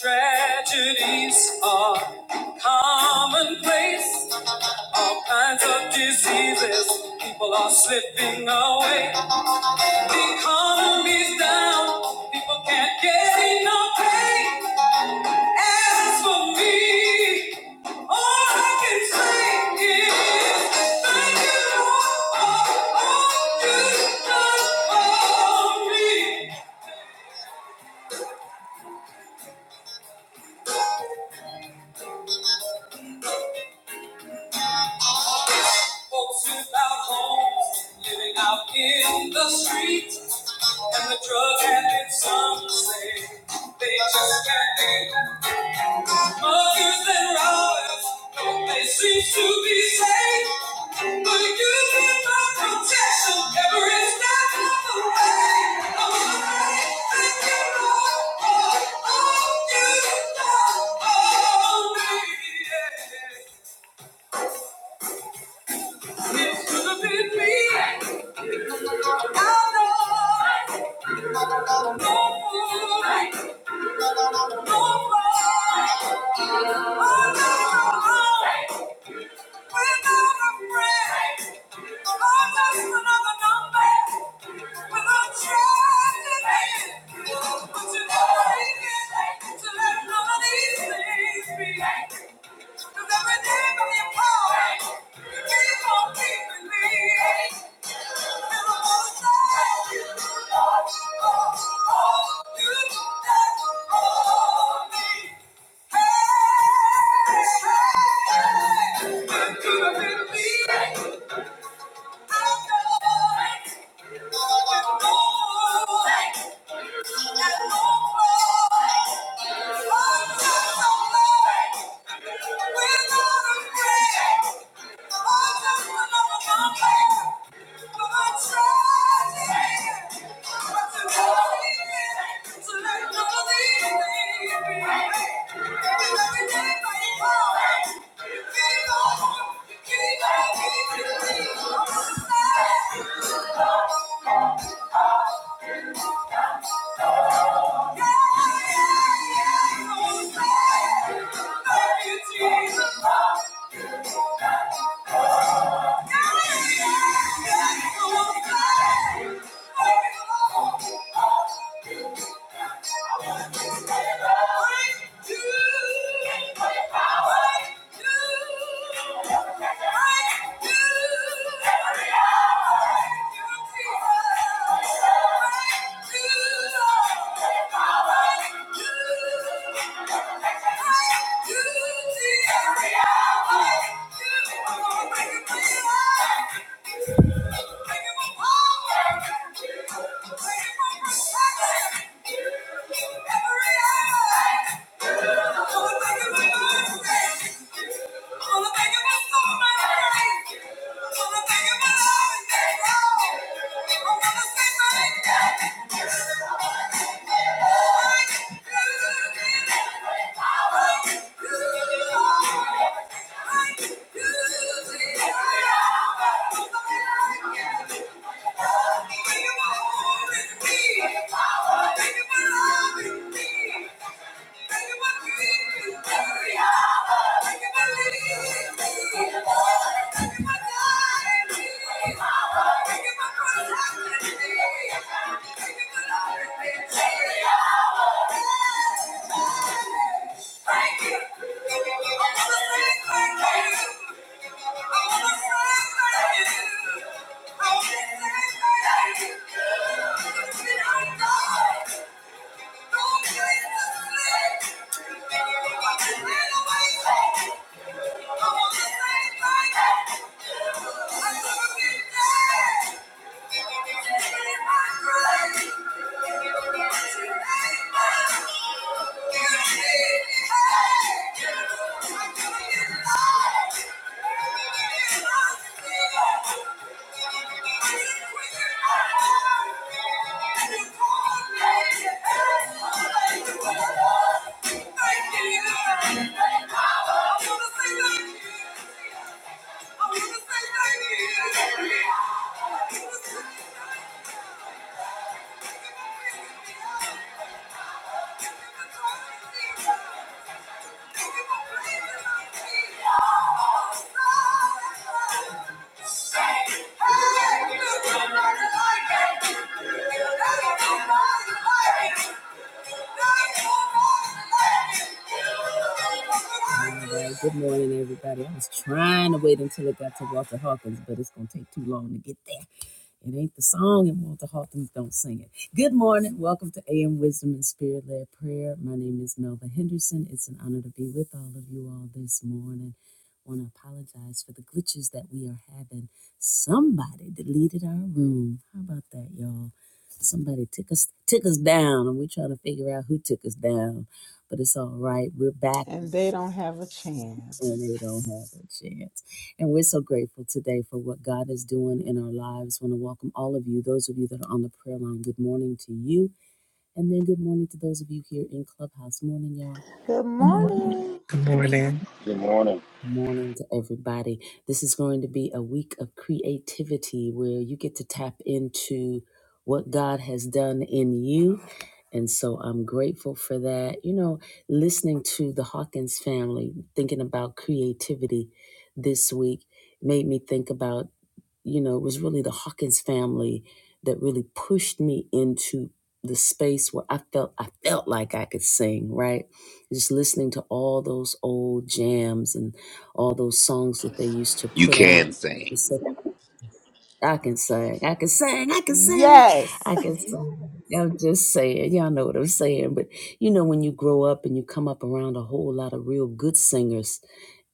Tragedies are commonplace. All kinds of diseases. People are slipping away. The economy's down. People can't get enough pay. As for me, all I can say is thank you, Lord, for all you've done for me. Folks without homes living out in the street, and the drug addicts, some say they just can't be mothers and robbers. No place seems to be safe, but you give my protection every step of the way. I'm afraid that you know all all you know. all me, yeah. yeah. It should have been me. I know. No more. No more. Oh, no, no, no. We're not afraid. i just another number with a child in end. But you never make it to let none of these things be. Cause every day from your power, you keep on keeping me. And I'm gonna thank you, Lord, for all you done for me. Thank you. Jesus. Yeah. Thank you. Thank you. for loving me, Thank you. Thank you. Thank you. Well, Good morning, everybody. I was trying to wait until it got to Walter Hawkins, but it's gonna take too long to get there. It ain't the song, and Walter Hawkins don't sing it. Good morning. Welcome to AM Wisdom and Spirit Led Prayer. My name is Melva Henderson. It's an honor to be with all of you all this morning. I want to apologize for the glitches that we are having. Somebody deleted our room. How about that, y'all? Somebody took us took us down, and we're trying to figure out who took us down. But it's all right. We're back and they don't have a and chance. they don't have a chance. And we're so grateful today for what God is doing in our lives. want to welcome all of you, those of you that are on the prayer line. Good morning to you. And then good morning to those of you here in Clubhouse. Morning, y'all. Good Amen, morning. Good morning. Good morning. Morning to everybody. This is going to be a week of creativity where you get to tap into what God has done in you And so I'm grateful for that. You know, listening to the Hawkins family, thinking about creativity this week made me think about, you know, it was really the Hawkins family that really pushed me into the space where I felt I felt like I could sing, right? Just listening to all those old jams and all those songs that they used to You put out. can sing. It's such I can sing. I can sing. I can sing. Yes. I can sing. I'm just saying. Y'all know what I'm saying. But you know, when you grow up and you come up around a whole lot of real good singers,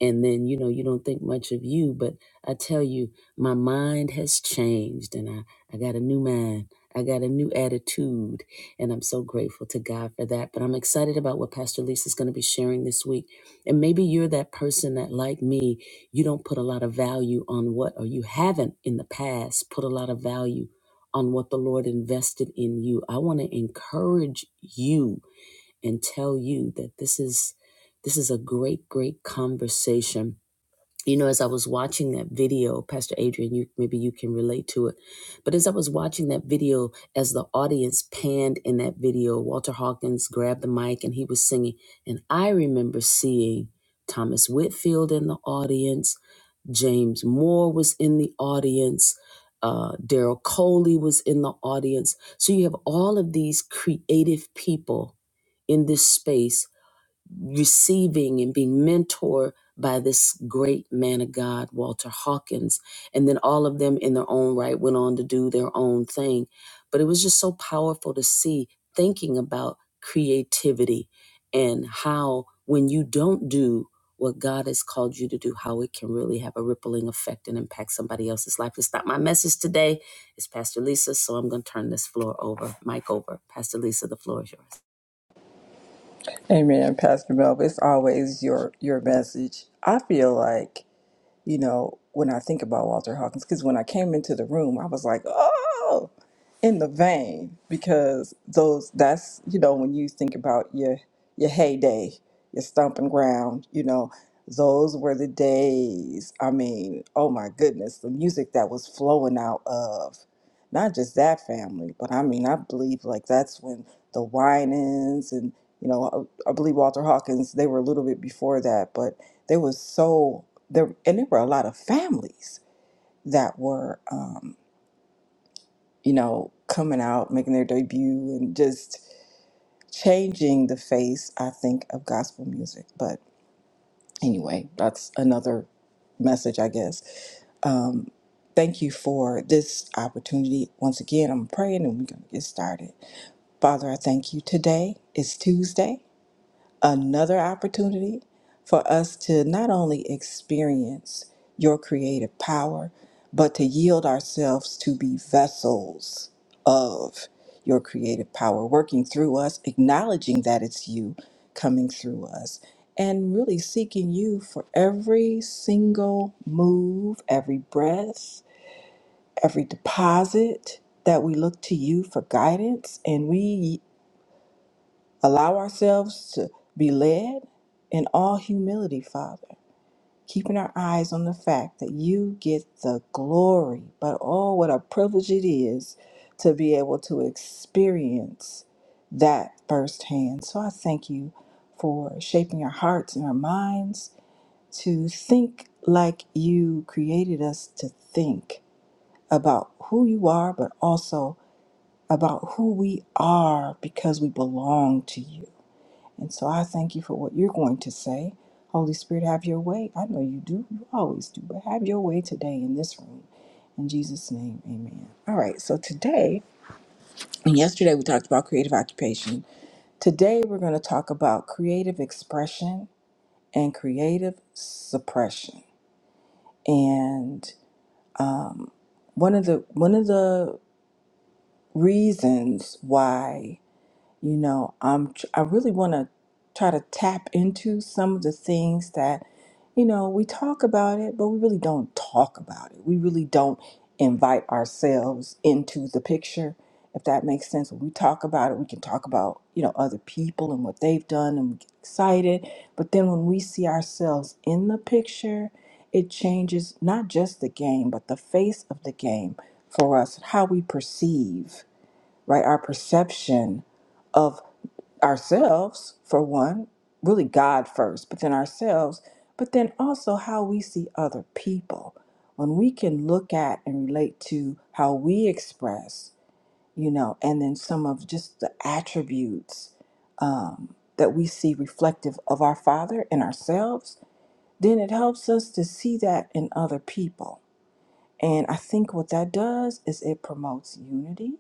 and then you know you don't think much of you, but I tell you, my mind has changed, and I I got a new mind. I got a new attitude, and I'm so grateful to God for that. But I'm excited about what Pastor Lisa is going to be sharing this week. And maybe you're that person that, like me, you don't put a lot of value on what, or you haven't in the past put a lot of value on what the Lord invested in you. I want to encourage you and tell you that this is this is a great, great conversation. You know, as I was watching that video, Pastor Adrian, you maybe you can relate to it. But as I was watching that video, as the audience panned in that video, Walter Hawkins grabbed the mic and he was singing. And I remember seeing Thomas Whitfield in the audience. James Moore was in the audience. Uh, Daryl Coley was in the audience. So you have all of these creative people in this space receiving and being mentored by this great man of God, Walter Hawkins. And then all of them in their own right went on to do their own thing. But it was just so powerful to see thinking about creativity and how when you don't do what God has called you to do, how it can really have a rippling effect and impact somebody else's life. It's not my message today. It's Pastor Lisa, so I'm going to turn this floor over, mic over. Pastor Lisa, the floor is yours. Pastor Melvin. It's always your your message. I feel like you know, when I think about Walter Hawkins, because when I came into the room, I was like, oh, in the vein, because those that's you know when you think about your your heyday, your stomping ground, you know, those were the days. I mean, oh my goodness, the music that was flowing out of not just that family, but I mean, I believe like that's when the Winans and you know, I, I believe Walter Hawkins, they were a little bit before that, but there was so there, and there were a lot of families that were, um, you know, coming out, making their debut, and just changing the face. I think of gospel music. But anyway, that's another message, I guess. Um, thank you for this opportunity. Once again, I'm praying and we're going to get started. Father, I thank you. Today is Tuesday. another opportunity for us to not only experience your creative power, but to yield ourselves to be vessels of your creative power, working through us, acknowledging that it's you coming through us, and really seeking you for every single move, every breath, every deposit that we look to you for guidance. And we Allow ourselves to be led in all humility, Father, keeping our eyes on the fact that you get the glory. But oh, what a privilege it is to be able to experience that firsthand. So I thank you for shaping our hearts and our minds to think like you created us to think about who you are, but also about who we are because we belong to you. And so I thank you for what you're going to say. Holy Spirit, have your way. I know you do. You always do. But have your way today in this room. In Jesus' name, amen. All right. So today, and yesterday we talked about creative occupation. Today we're going to talk about creative expression and creative suppression. And one of the one of the reasons why you know i'm i really want to try to tap into some of the things that you know we talk about it but we really don't talk about it we really don't invite ourselves into the picture if that makes sense when we talk about it we can talk about you know other people and what they've done and we get excited but then when we see ourselves in the picture it changes not just the game but the face of the game for us how we perceive right? Our perception of ourselves, for one, really God first, but then ourselves, but then also how we see other people. When we can look at and relate to how we express, you know, and then some of just the attributes um, that we see reflective of our Father and ourselves, then it helps us to see that in other people. And I think what that does is it promotes unity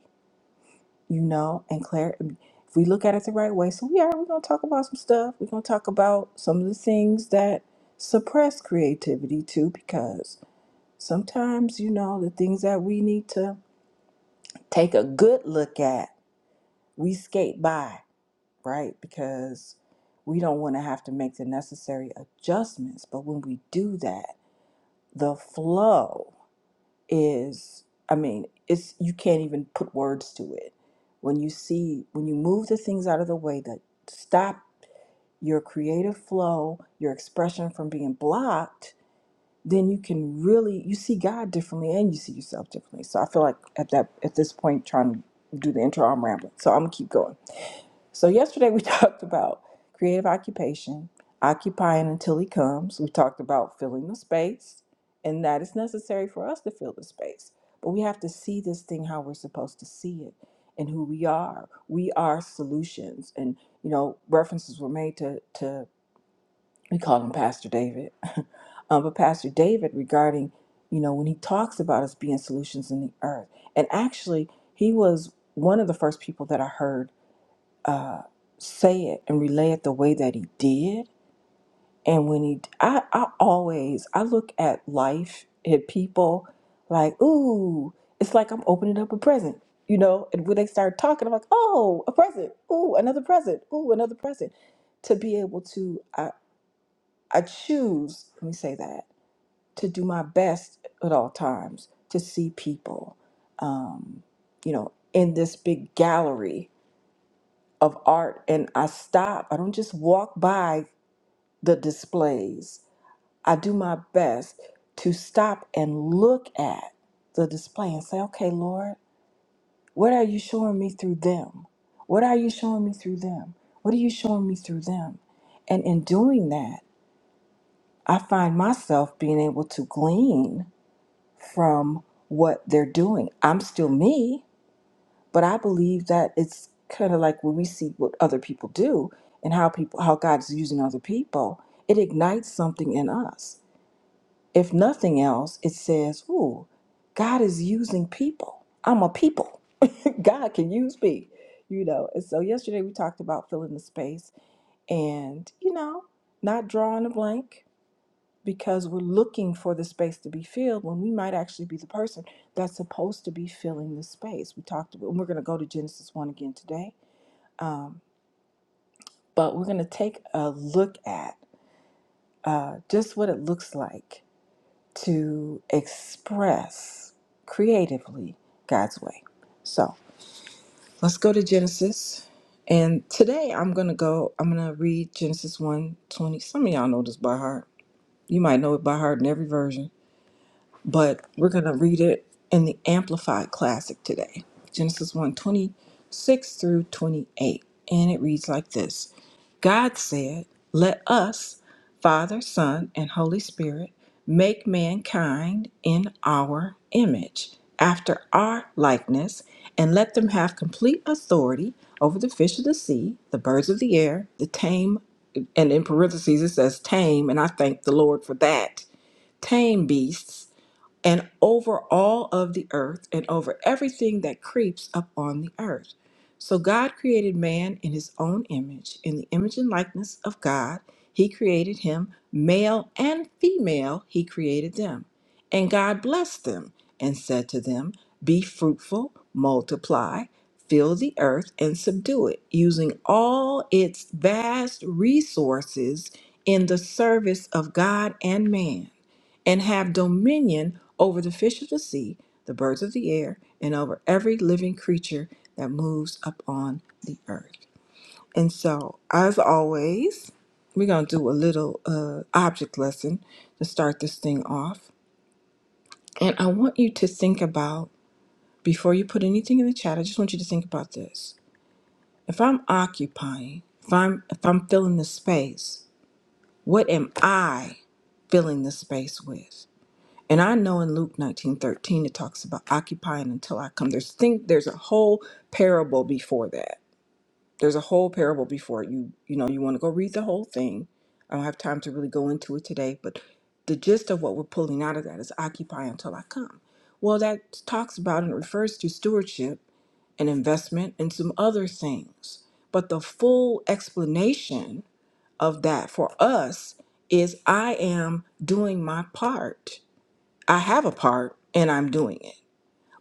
you know, and Claire, if we look at it the right way, so we are, we're going to talk about some stuff. We're going to talk about some of the things that suppress creativity too, because sometimes, you know, the things that we need to take a good look at, we skate by, right? Because we don't want to have to make the necessary adjustments. But when we do that, the flow. is i mean it's you can't even put words to it when you see when you move the things out of the way that stop your creative flow your expression from being blocked then you can really you see god differently and you see yourself differently so i feel like at that at this point trying to do the intro i'm rambling so i'm gonna keep going so, yesterday we talked about creative occupation, occupying until he comes. We talked about filling the space, and that it's necessary for us to fill the space. But we have to see this thing how we're supposed to see it and who we are. We are solutions. And, you know, references were made to, to we call him Pastor David. um, but Pastor David regarding, you know, when he talks about us being solutions in the earth. And actually, he was one of the first people that I heard say it and relay it the way that he did and when he I, I always I look at life and people like ooh it's like I'm opening up a present you know and when they start talking I'm like oh a present ooh another present ooh another present to be able to I, I choose let me say that to do my best at all times to see people um you know in this big gallery of art and I stop. I don't just walk by the displays. I do my best to stop and look at the display and say, okay, Lord, what are you showing me through them? What are you showing me through them? What are you showing me through them? And in doing that, I find myself being able to glean from what they're doing. I'm still me, but I believe that it's kind of like when we see what other people do and how people how God's using other people, it ignites something in us If nothing else, it says, Ooh, God is using people. I'm a people. God can use me, you know. And so yesterday we talked about filling the space and, you know, not drawing a blank because we're looking for the space to be filled when we might actually be the person that's supposed to be filling the space. We talked about, and we're going to go to Genesis 1 again today, but we're going to take a look at uh, just what it looks like to express creatively God's way. So let's go to Genesis. And today I'm gonna go, I'm gonna read Genesis one 20. Some of y'all know this by heart. You might know it by heart in every version but we're going to read it in the Amplified Classic today. Genesis one twenty six through 28. And it reads like this God said, Let us, Father, Son, and Holy Spirit, make mankind in our image, after our likeness, and let them have complete authority over the fish of the sea, the birds of the air, the tame, and in parentheses it says tame, and I thank the Lord for that, tame beasts and over all of the earth and over everything that creeps up on the earth. So God created man in his own image. In the image and likeness of God, he created him. Male and female, he created them. And God blessed them and said to them, Be fruitful, multiply, fill the earth, and subdue it, using all its vast resources in the service of God and man and have dominion over the fish of the sea, the birds of the air, and over every living creature that moves upon the earth. And so, as always, we're going to do a little uh, object lesson to start this thing off. And I want you to think about, before you put anything in the chat, I just want you to think about this. If I'm occupying, if I'm if I'm filling the space, what am I filling the space with? And I know in Luke 19:13 it talks about occupying until I come. There's think there's a whole parable before that. There's a whole parable before it. you you know you want to go read the whole thing. I don't have time to really go into it today, but the gist of what we're pulling out of that is occupy until I come. Well, that talks about and refers to stewardship and investment and some other things. But the full explanation of that for us is I am doing my part I have a part and I'm doing it.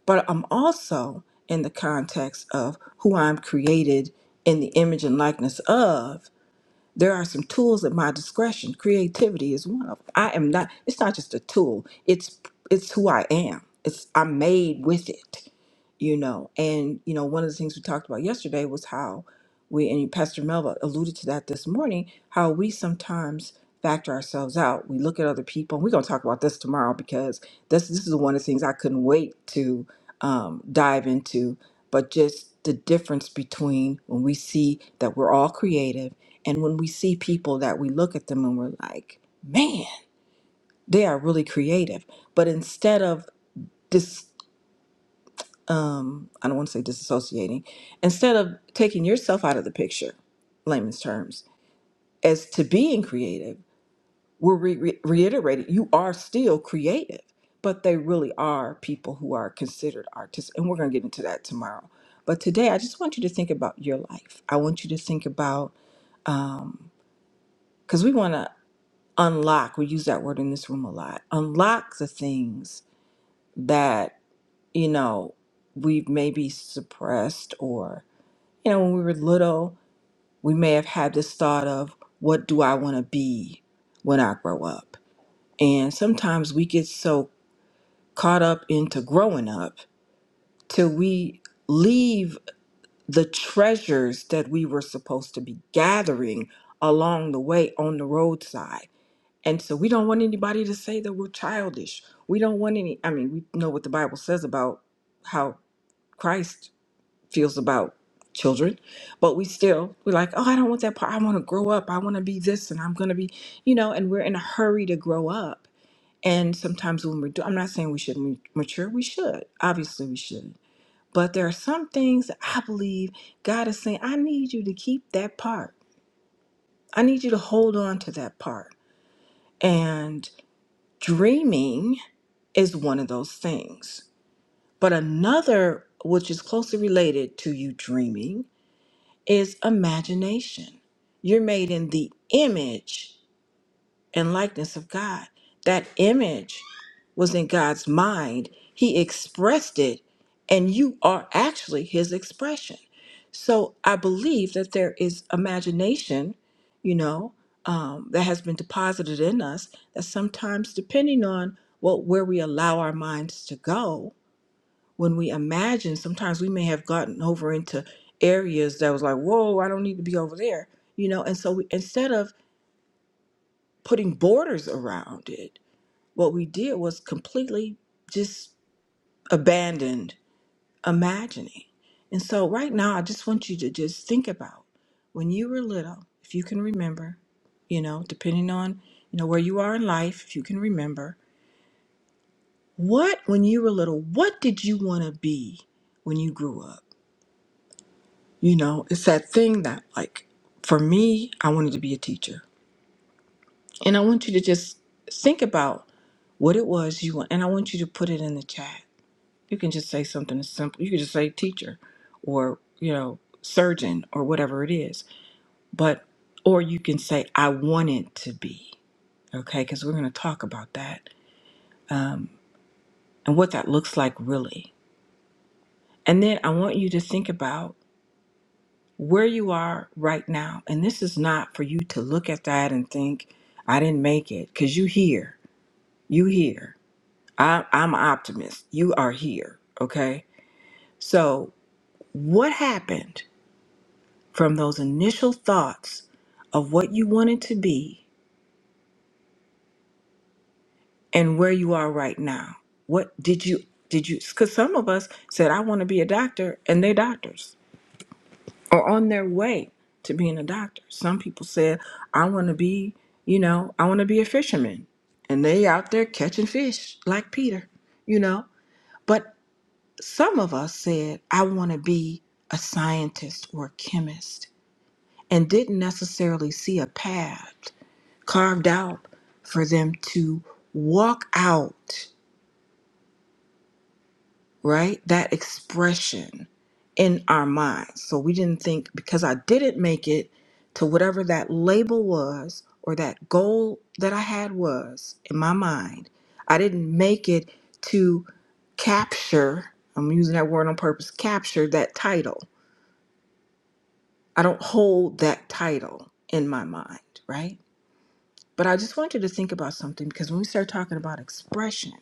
But I'm also in the context of who I'm created in the image and likeness of there are some tools at my discretion. Creativity is one of them. I am not it's not just a tool. It's it's who I am. It's I'm made with it. You know, and you know, one of the things we talked about yesterday was how we and Pastor Melva alluded to that this morning, how we sometimes factor ourselves out. We look at other people. We're gonna talk about this tomorrow because this this is one of the things I couldn't wait to um, dive into, but just the difference between when we see that we're all creative and when we see people that we look at them and we're like, man, they are really creative. But instead of dis, um, I don't want to say disassociating, instead of taking yourself out of the picture, layman's terms, as to being creative, we're re- re- reiterating you are still creative, but they really are people who are considered artists. And we're going to get into that tomorrow. But today, I just want you to think about your life. I want you to think about, because we want to. unlock we use that word in this room a lot unlock the things that you know we've maybe suppressed or you know when we were little we may have had this thought of what do i want to be when i grow up and sometimes we get so caught up into growing up till we leave the treasures that we were supposed to be gathering along the way on the roadside And so we don't want anybody to say that we're childish. We don't want any, I mean, we know what the Bible says about how Christ feels about children, but we still, we're like, oh, I don't want that part. I want to grow up. I want to be this and I'm going to be, you know, and we're in a hurry to grow up. And sometimes when we're, do- I'm not saying we shouldn't mature, we should. Obviously, we should. But there are some things that I believe God is saying, I need you to keep that part. I need you to hold on to that part. And dreaming is one of those things. But another, which is closely related to you dreaming, is imagination. You're made in the image and likeness of God. That image was in God's mind. He expressed it, and you are actually his expression. So I believe that there is imagination, you know, um, that has been deposited in us that sometimes, depending on what where we allow our minds to go, when we imagine, sometimes we may have gotten over into areas that was like, whoa, I don't need to be over there, you know. And so we, instead of putting borders around it, what we did was completely just abandoned imagining. And so, right now, I just want you to just think about when you were little, if you can remember, you know, depending on, you know, where you are in life, if you can remember, what, when you were little, what did you want to be when you grew up? You know, it's that thing that, like, for me, I wanted to be a teacher. And I want you to just think about what it was you want, and I want you to put it in the chat You can just say something as simple. You can just say teacher or, you know, surgeon or whatever it is. But, or you can say, I wanted to be. Okay. Because we're going to talk about that and what that looks like really. And then I want you to think about where you are right now. And this is not for you to look at that and think, I didn't make it. Because you here. You here. I, I'm an optimist. You are here. Okay. So, what happened? from those initial thoughts of what you wanted to be and where you are right now. What did you did you cuz some of us said I want to be a doctor and they're doctors or on their way to being a doctor. Some people said I want to be, you know, I want to be a fisherman and they out there catching fish like Peter, you know. But some of us said I want to be a scientist or a chemist and didn't necessarily see a path carved out for them to walk out, right? That expression in our minds. So we didn't think because I didn't make it to whatever that label was or that goal that I had was in my mind, I didn't make it to capture, I'm using that word on purpose, capture that title. I don't hold that title in my mind, right? But I just want you to think about something because when we start talking about expression,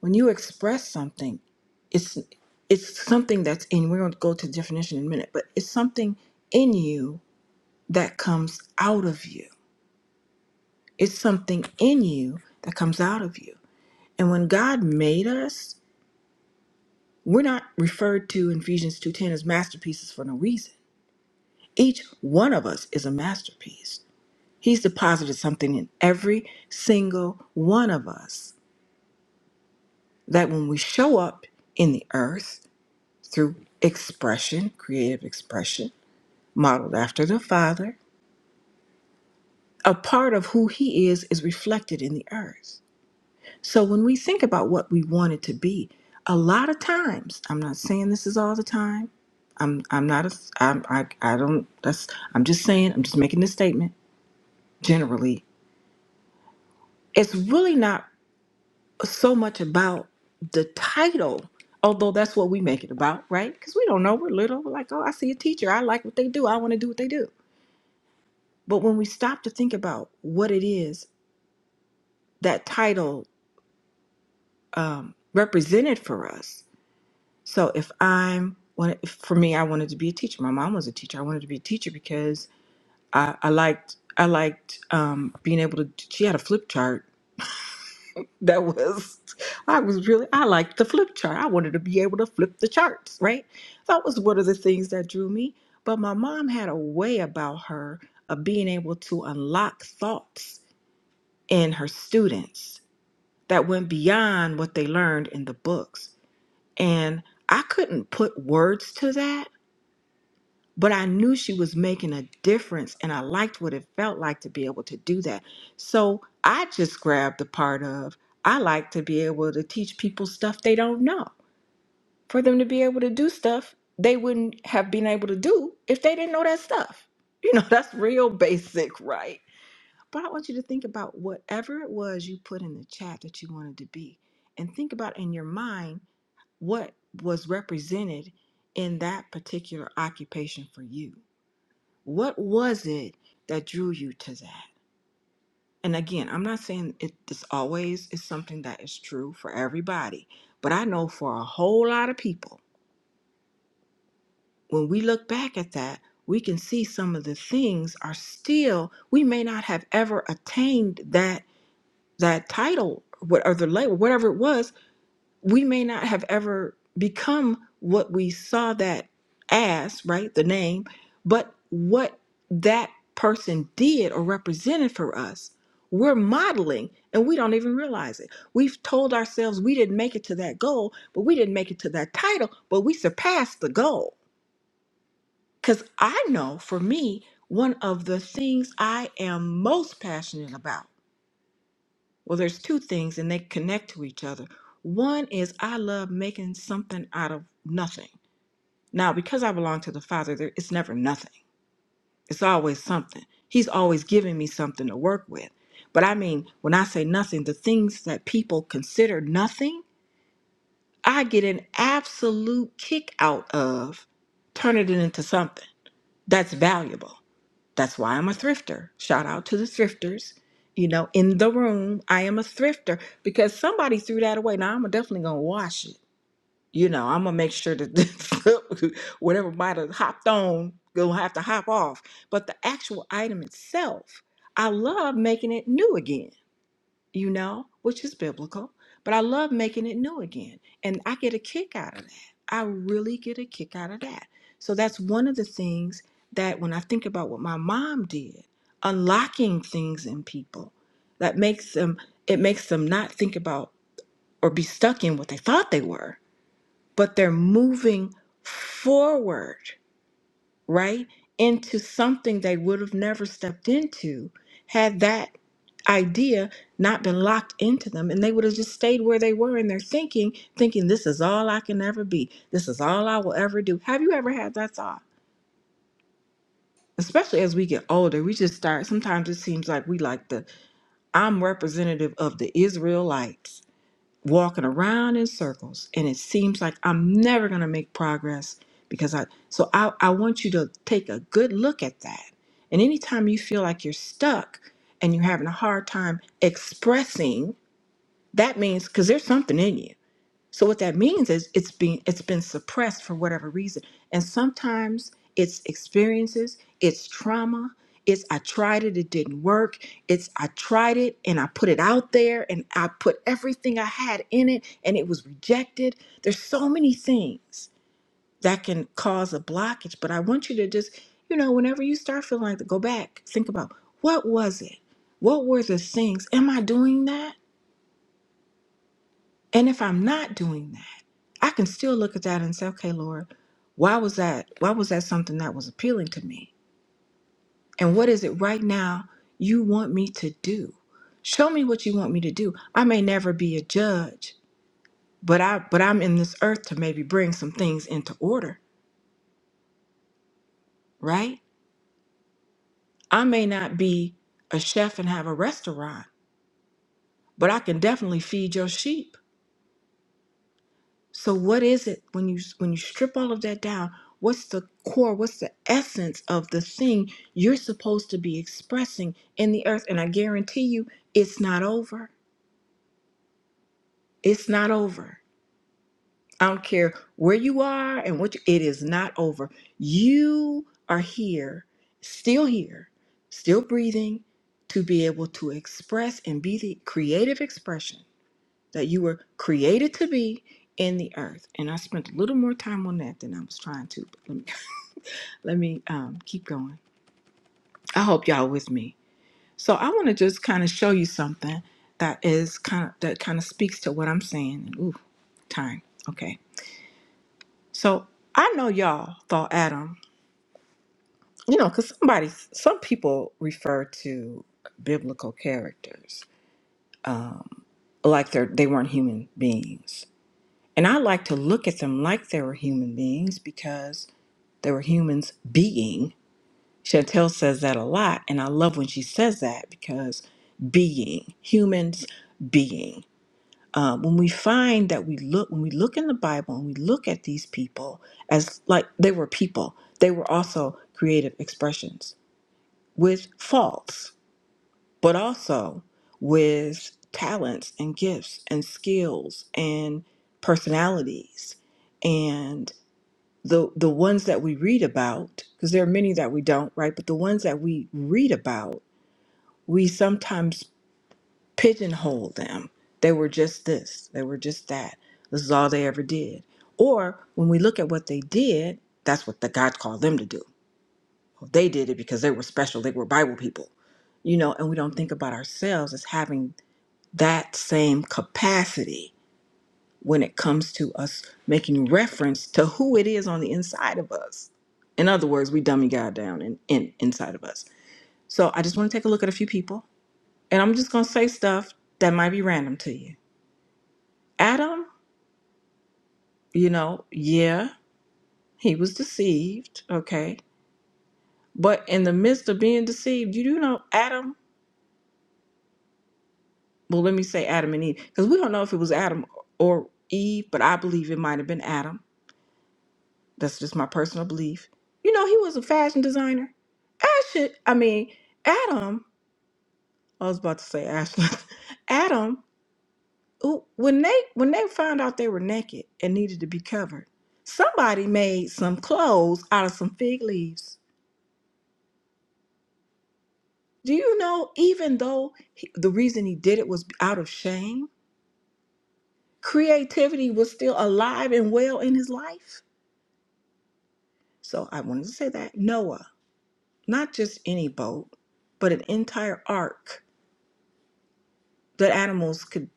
When you express something, it's it's something that's in. We're going to go to definition in a minute, but it's something in you that comes out of you. It's something in you that comes out of you. And when God made us, we're not referred to in Ephesians 2:10 as masterpieces for no reason. Each one of us is a masterpiece. He's deposited something in every single one of us that when we show up in the earth, through expression, creative expression, modeled after the Father. A part of who He is is reflected in the earth. So when we think about what we want it to be, a lot of times, I'm not saying this is all the time. I'm I'm not a I'm I I don't that's I'm just saying I'm just making this statement generally. It's really not so much about the title, although that's what we make it about, right? Because we don't know. We're little. We're like, oh, I see a teacher. I like what they do. I want to do what they do. But when we stop to think about what it is that title um, represented for us, so if I'm when- if- for me, I wanted to be a teacher. My mom was a teacher. I wanted to be a teacher because I, I liked I liked um, being able to. She had a flip chart that was I was really I liked the flip chart. I wanted to be able to flip the charts, right? That was one of the things that drew me. But my mom had a way about her of being able to unlock thoughts in her students that went beyond what they learned in the books. And I couldn't put words to that, but I knew she was making a difference and I liked what it felt like to be able to do that. So I just grabbed the part of I like to be able to teach people stuff they don't know for them to be able to do stuff they wouldn't have been able to do if they didn't know that stuff. You know, that's real basic, right? But I want you to think about whatever it was you put in the chat that you wanted to be, and think about in your mind what was represented in that particular occupation for you. What was it that drew you to that? And again, I'm not saying it this always is something that is true for everybody, but I know for a whole lot of people, when we look back at that, we can see some of the things are still, we may not have ever attained that that title, whatever label, whatever it was, we may not have ever become what we saw that as, right? The name, but what that person did or represented for us, we're modeling and we don't even realize it. We've told ourselves we didn't make it to that goal, but we didn't make it to that title, but we surpassed the goal. Because I know for me, one of the things I am most passionate about well, there's two things and they connect to each other. One is I love making something out of nothing. Now, because I belong to the Father, there, it's never nothing, it's always something. He's always giving me something to work with. But I mean, when I say nothing, the things that people consider nothing, I get an absolute kick out of turning it into something that's valuable. That's why I'm a thrifter. Shout out to the thrifters. You know, in the room, I am a thrifter because somebody threw that away. Now I'm definitely gonna wash it. You know, I'm gonna make sure that whatever might have hopped on, gonna have to hop off. But the actual item itself, I love making it new again you know, which is biblical, but I love making it new again. And I get a kick out of that. I really get a kick out of that. So that's one of the things that when I think about what my mom did, unlocking things in people that makes them it makes them not think about or be stuck in what they thought they were, but they're moving forward right? Into something they would have never stepped into had that idea not been locked into them. And they would have just stayed where they were in their thinking, thinking, this is all I can ever be. This is all I will ever do. Have you ever had that thought? Especially as we get older, we just start. Sometimes it seems like we like the, I'm representative of the Israelites walking around in circles and it seems like I'm never going to make progress because I so I I want you to take a good look at that. And anytime you feel like you're stuck and you're having a hard time expressing, that means cuz there's something in you. So what that means is it's been it's been suppressed for whatever reason. And sometimes it's experiences, it's trauma, it's I tried it, it didn't work. It's I tried it and I put it out there and I put everything I had in it and it was rejected. There's so many things that can cause a blockage, but I want you to just, you know, whenever you start feeling like that, go back, think about what was it? What were the things? Am I doing that? And if I'm not doing that. I can still look at that and say, okay, Lord, why was that? Why was that something that was appealing to me? And what is it right now you want me to do? Show me what you want me to do. I may never be a judge, but I but I'm in this earth to maybe bring some things into order, right? I may not be a chef and have a restaurant, but I can definitely feed your sheep. So what is it when you when you strip all of that down? What's the core? What's the essence of the thing you're supposed to be expressing in the earth? And I guarantee you, it's not over. It's not over. I don't care where you are and what you, it is not over. You are here, still here, still breathing to be able to express and be the creative expression that you were created to be in the earth. And I spent a little more time on that than I was trying to. But let me, let me um, keep going. I hope y'all with me. So I want to just kind of show you something that is kind of that kind of speaks to what I'm saying. ooh, time. Okay. So I know y'all thought Adam, you know, because somebody, some people refer to biblical characters like they're they weren't human beings. And I like to look at them like they were human beings because. They were humans being. Chantel says that a lot, and I love when she says that because being humans being. Uh, when we find that we look when we look in the Bible and we look at these people as like they were people, they were also creative expressions with faults, but also with talents and gifts and skills and personalities the the ones that we read about because there are many that we don't right but the ones that we read about we sometimes pigeonhole them they were just this they were just that this is all they ever did or when we look at what they did that's what the god called them to do Well, they did it because they were special they were bible people you know and we don't think about ourselves as having that same capacity when it comes to us making reference to who it is on the inside of us. In other words, we dummy God down in in, inside of us. So I just want to take a look at a few people, and I'm just going to say stuff that might be random to you. Adam, you know, yeah, he was deceived, okay? But in the midst of being deceived, you do know Adam, well, let me say Adam and Eve, because we don't know if it was Adam or Eve, but I believe it might have been Adam That's just my personal belief. You know, he was a fashion designer. Ash, I mean, Adam. I was about to say Ashley. Adam, who, when they when they found out they were naked and needed to be covered, somebody made some clothes out of some fig leaves. Do you know? Even though he, the reason he did it was out of shame, creativity was still alive and well in his life. So I wanted to say that Noah, not just any boat, but an entire ark that animals could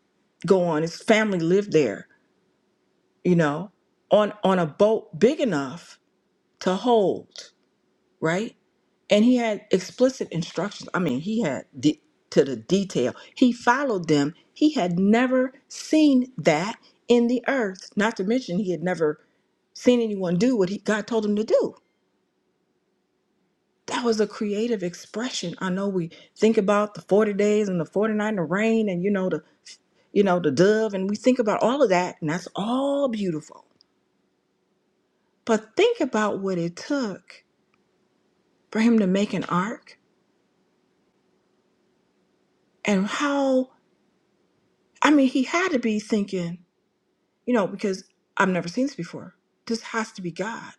go on. His family lived there, you know, on on a boat big enough to hold, right? And he had explicit instructions. I mean, he had de- to the detail. He followed them. He had never seen that in the earth. Not to mention, he had never seen anyone do what he, God told him to do. That was a creative expression. I know we think about the 40 days and the 49 the rain and you know the you know, the dove, and we think about all of that, and that's all beautiful. But think about what it took for him to make an ark and how, I mean, he had to be thinking, you know, because I've never seen this before. This has to be God.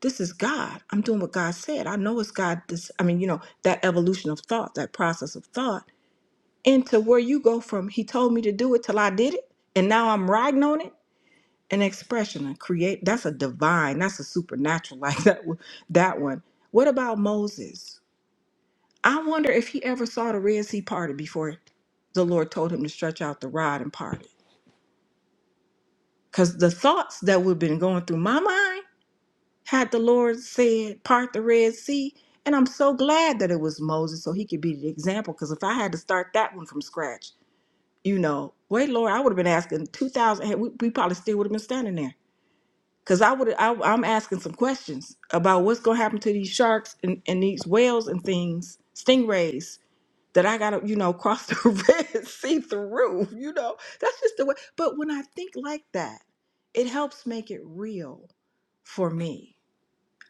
This is God. I'm doing what God said. I know it's God. This, I mean, you know, that evolution of thought, that process of thought into where you go from, he told me to do it till I did it, and now I'm riding on it. an expression a create that's a divine that's a supernatural like that one- that one what about moses i wonder if he ever saw the red sea parted before the lord told him to stretch out the rod and part it because the thoughts that would have been going through my mind had the lord said part the red sea and i'm so glad that it was moses so he could be the example because if i had to start that one from scratch you know wait lord i would have been asking 2000 we we probably still would have been standing there Cause I would I, I'm asking some questions about what's gonna happen to these sharks and, and these whales and things, stingrays that I gotta you know cross the red sea through. You know that's just the way. But when I think like that, it helps make it real for me.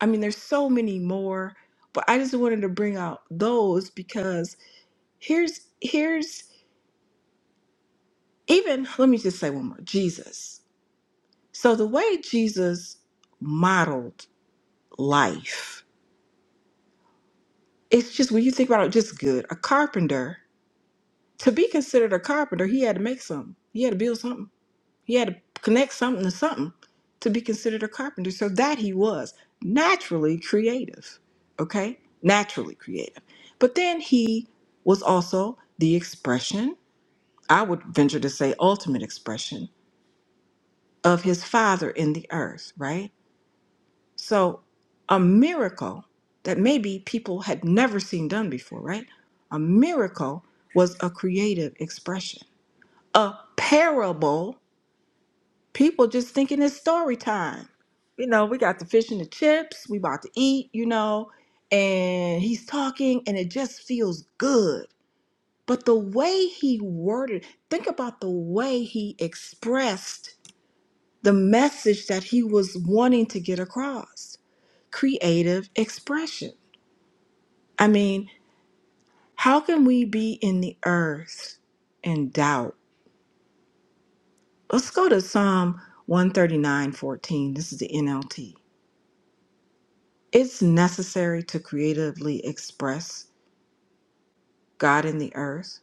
I mean, there's so many more, but I just wanted to bring out those because here's here's even let me just say one more Jesus. So the way Jesus modeled life it's just when you think about it, just good. A carpenter, to be considered a carpenter, he had to make something. He had to build something. He had to connect something to something to be considered a carpenter. So that he was naturally creative, okay? Naturally creative. But then he was also the expression, I would venture to say, ultimate expression of his father in the earth, right? So, a miracle that maybe people had never seen done before, right? A miracle was a creative expression. A parable, people just thinking it's story time. You know, we got the fish and the chips, we about to eat, you know, and he's talking and it just feels good. But the way he worded, think about the way he expressed the message that he was wanting to get across creative expression. I mean, how can we be in the earth in doubt? Let's go to Psalm one thirty nine fourteen. This is the NLT. It's necessary to creatively express God in the earth,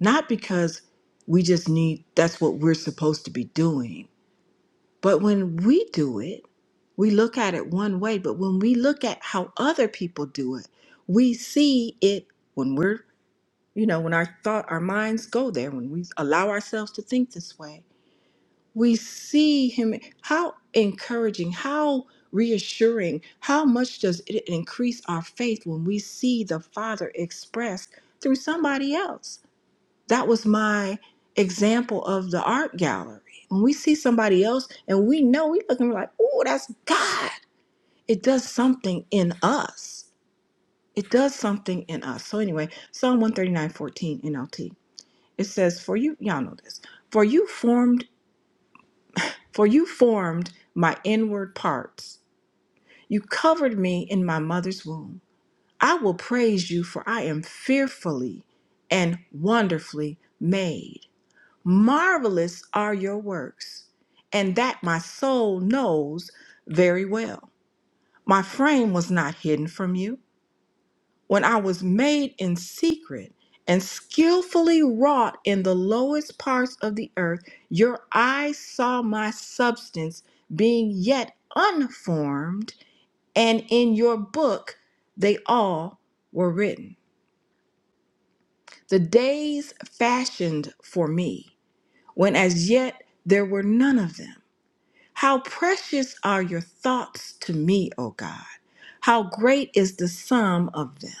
not because we just need that's what we're supposed to be doing, but when we do it, we look at it one way, but when we look at how other people do it, we see it when we're you know when our thought our minds go there when we allow ourselves to think this way we see him how encouraging how reassuring how much does it increase our faith when we see the father expressed through somebody else that was my example of the art gallery when we see somebody else and we know we look and we're like oh that's god it does something in us it does something in us so anyway psalm one thirty nine fourteen nlt it says for you y'all know this for you formed for you formed my inward parts you covered me in my mother's womb i will praise you for i am fearfully and wonderfully made marvelous are your works and that my soul knows very well my frame was not hidden from you when I was made in secret and skillfully wrought in the lowest parts of the earth, your eyes saw my substance being yet unformed, and in your book they all were written. The days fashioned for me, when as yet there were none of them. How precious are your thoughts to me, O God! How great is the sum of them!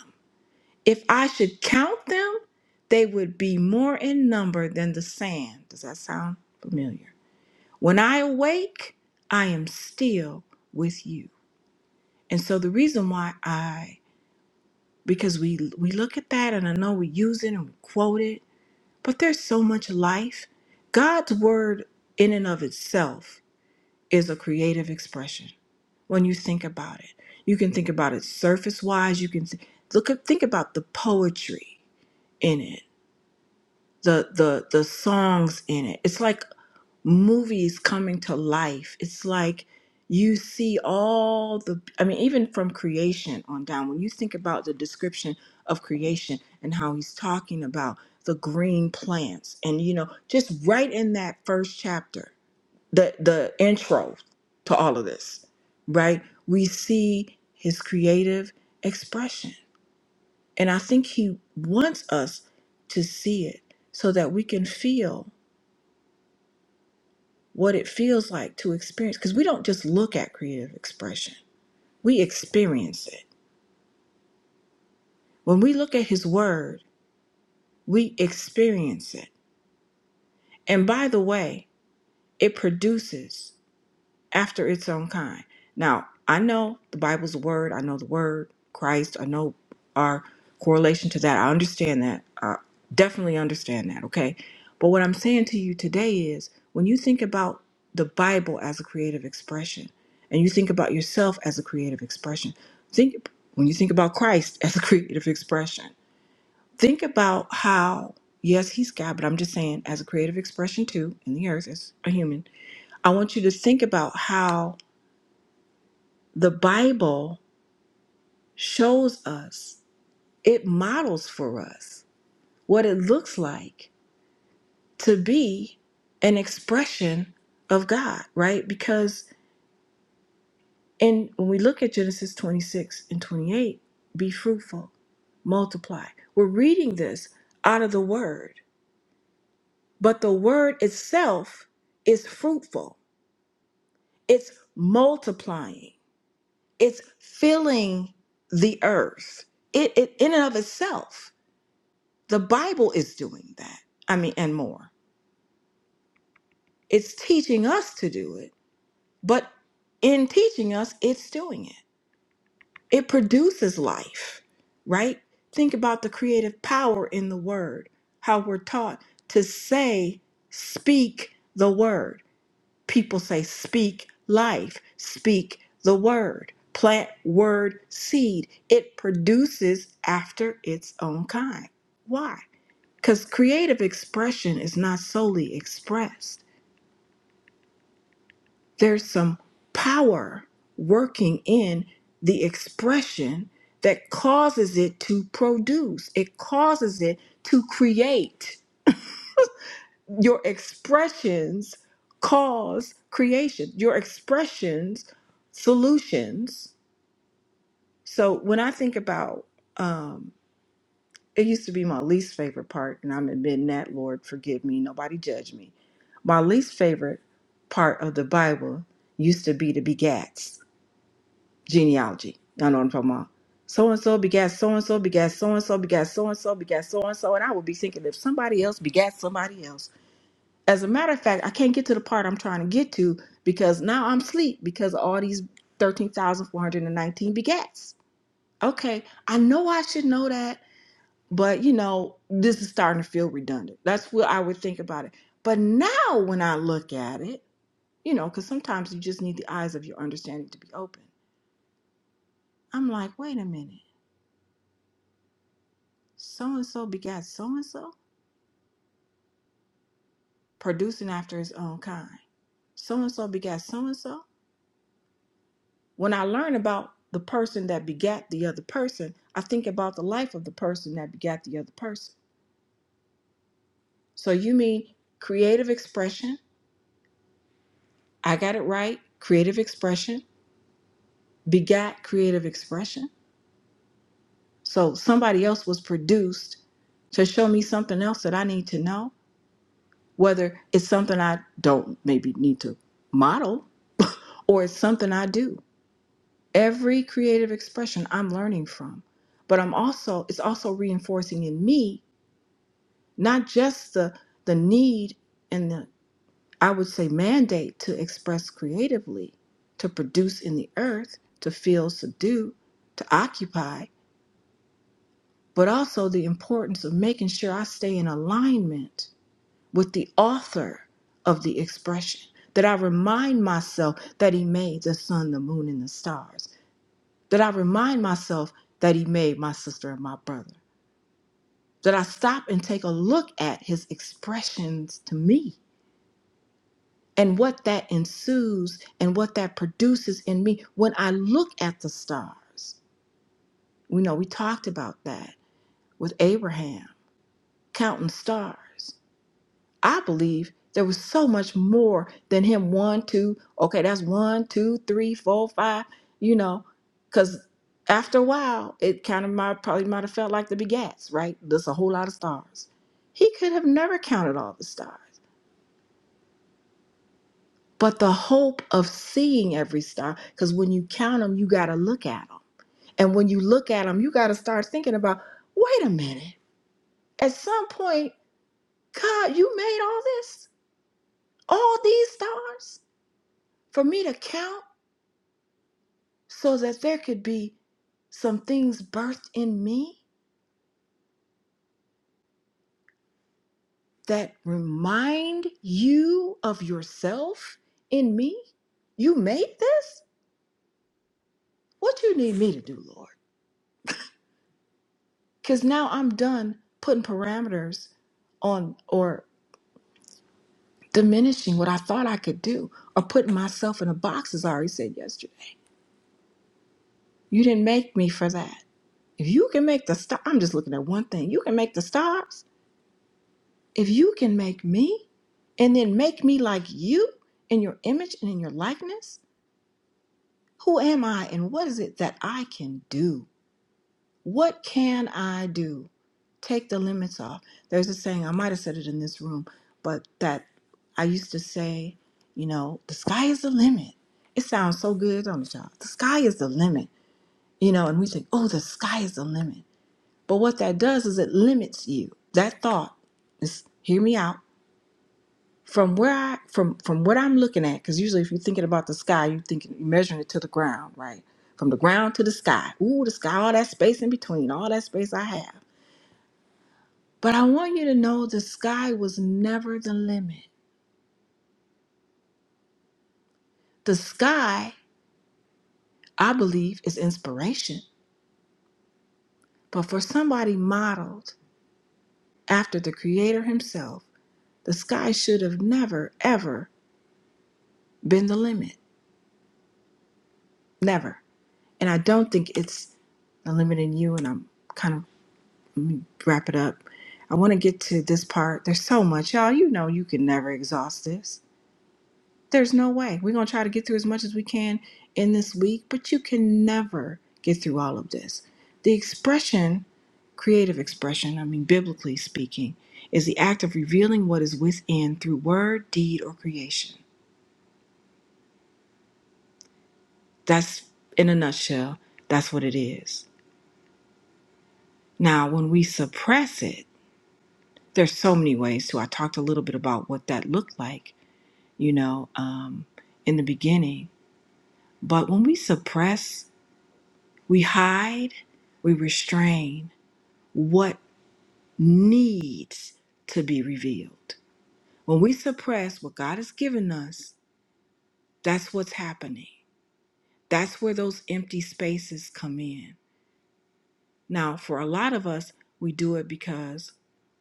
If I should count them, they would be more in number than the sand. Does that sound familiar? When I awake, I am still with you. And so the reason why I because we we look at that and I know we use it and we quote it, but there's so much life. God's word in and of itself is a creative expression when you think about it. You can think about it surface wise. You can th- look at, think about the poetry in it. the the the songs in it. It's like movies coming to life. It's like you see all the I mean even from creation on down when you think about the description of creation and how he's talking about the green plants and you know just right in that first chapter the the intro to all of this, right? We see his creative expression and I think He wants us to see it so that we can feel what it feels like to experience. Because we don't just look at creative expression, we experience it. When we look at His Word, we experience it. And by the way, it produces. after its own kind. Now, I know the Bible's a word. I know the word Christ. I know our correlation to that. I understand that. I definitely understand that. Okay. But what I'm saying to you today is when you think about the Bible as a creative expression and you think about yourself as a creative expression, think when you think about Christ as a creative expression, think about how, yes, he's God, but I'm just saying as a creative expression too in the earth as a human, I want you to think about how the Bible shows us, it models for us what it looks like to be an expression of God, right? Because in when we look at Genesis 26 and 28, be fruitful, multiply. We're reading this out of the word, but the word itself is fruitful. It's multiplying. It's filling the earth. It, it in and of itself The Bible is doing that. I mean, and more. It's teaching us to do it, but in teaching us, it's doing it. It produces life, right? Think about the creative power in the word, how we're taught to say, speak the word. People say, speak life, speak the word, plant word seed. It produces after its own kind. Why? Because creative expression is not solely expressed, there's some power working in the expression that causes it to produce, it causes it to create. Your expressions cause creation, your expressions, solutions. So when I think about um, It used to be my least favorite part, and I'm admitting that, Lord, forgive me. Nobody judge me. My least favorite part of the Bible used to be the begats, genealogy. Y'all know what I'm talking about. So and so begat so and so begat so and so begat so and so begat so and so. And I would be thinking if somebody else begat somebody else. As a matter of fact, I can't get to the part I'm trying to get to because now I'm asleep because of all these 13,419 begats. Okay, I know I should know that. But you know, this is starting to feel redundant. That's what I would think about it. But now when I look at it, you know, because sometimes you just need the eyes of your understanding to be open. I'm like, wait a minute. So and so begat so and so, producing after his own kind. So and so begat so and so. When I learn about the person that begat the other person, I think about the life of the person that begat the other person. So you mean creative expression? I got it right. Creative expression begat creative expression So somebody else was produced to show me something else that I need to know, whether it's something I don't maybe need to model or it's something I do. Every creative expression I'm learning from, but I'm also it's also reinforcing in me not just the the need and the I would say mandate to express creatively, to produce in the earth, to feel, subdue, to occupy, but also the importance of making sure I stay in alignment with the author of the expression, that I remind myself that he made the sun, the moon, and the stars, that I remind myself that he made my sister and my brother, that I stop and take a look at his expressions to me and what that ensues and what that produces in me when I look at the stars. We know we talked about that with Abraham counting stars. I believe there was so much more than him one, two, okay, that's one, two, three, four, five, you know, because after a while, it kind of might, probably might have felt like the begats, right? There's a whole lot of stars. He could have never counted all the stars, but the hope of seeing every star, because when you count them, you got to look at them. And when you look at them, you got to start thinking about, wait a minute, at some point, God, you made all this, all these stars for me to count? so that there could be some things birthed in me that remind you of yourself in me? You made this? What you need me to do, Lord? Because now I'm done putting parameters on or diminishing what I thought I could do or putting myself in a box, as I already said yesterday. You didn't make me for that. If you can make the star, I'm just looking at one thing. You can make the stars. If you can make me and then make me like you in your image and in your likeness, who am I and what is it that I can do? What can I do? Take the limits off. There's a saying, I might have said it in this room, but that I used to say, you know, the sky is the limit. It sounds so good, don't it, y'all? The sky is the limit, you know, and we think, oh, the sky is the limit. But what that does is it limits you. That thought is, hear me out From where I from from what I'm looking at, because usually if you're thinking about the sky, you're thinking you're measuring it to the ground, right? From the ground to the sky. Ooh, the sky, all that space in between, all that space I have. But I want you to know the sky was never the limit. The sky, I believe, is inspiration. But for somebody modeled after the creator himself, the sky should have never, ever been the limit. Never. And I don't think it's the limit in you. And I'm kind of me wrap it up. I want to get to this part. There's so much, y'all. You know, you can never exhaust this. There's no way. We're going to try to get through as much as we can in this week, but you can never get through all of this. The expression, creative expression, I mean, biblically speaking, is the act of revealing what is within through word, deed, or creation. That's, in a nutshell, that's what it is. Now, when we suppress it, there's so many ways to. I talked a little bit about what that looked like you know, um, in the beginning. But when we suppress, we hide, we restrain what needs to be revealed. When we suppress what God has given us, that's what's happening. That's where those empty spaces come in. Now, for a lot of us, we do it because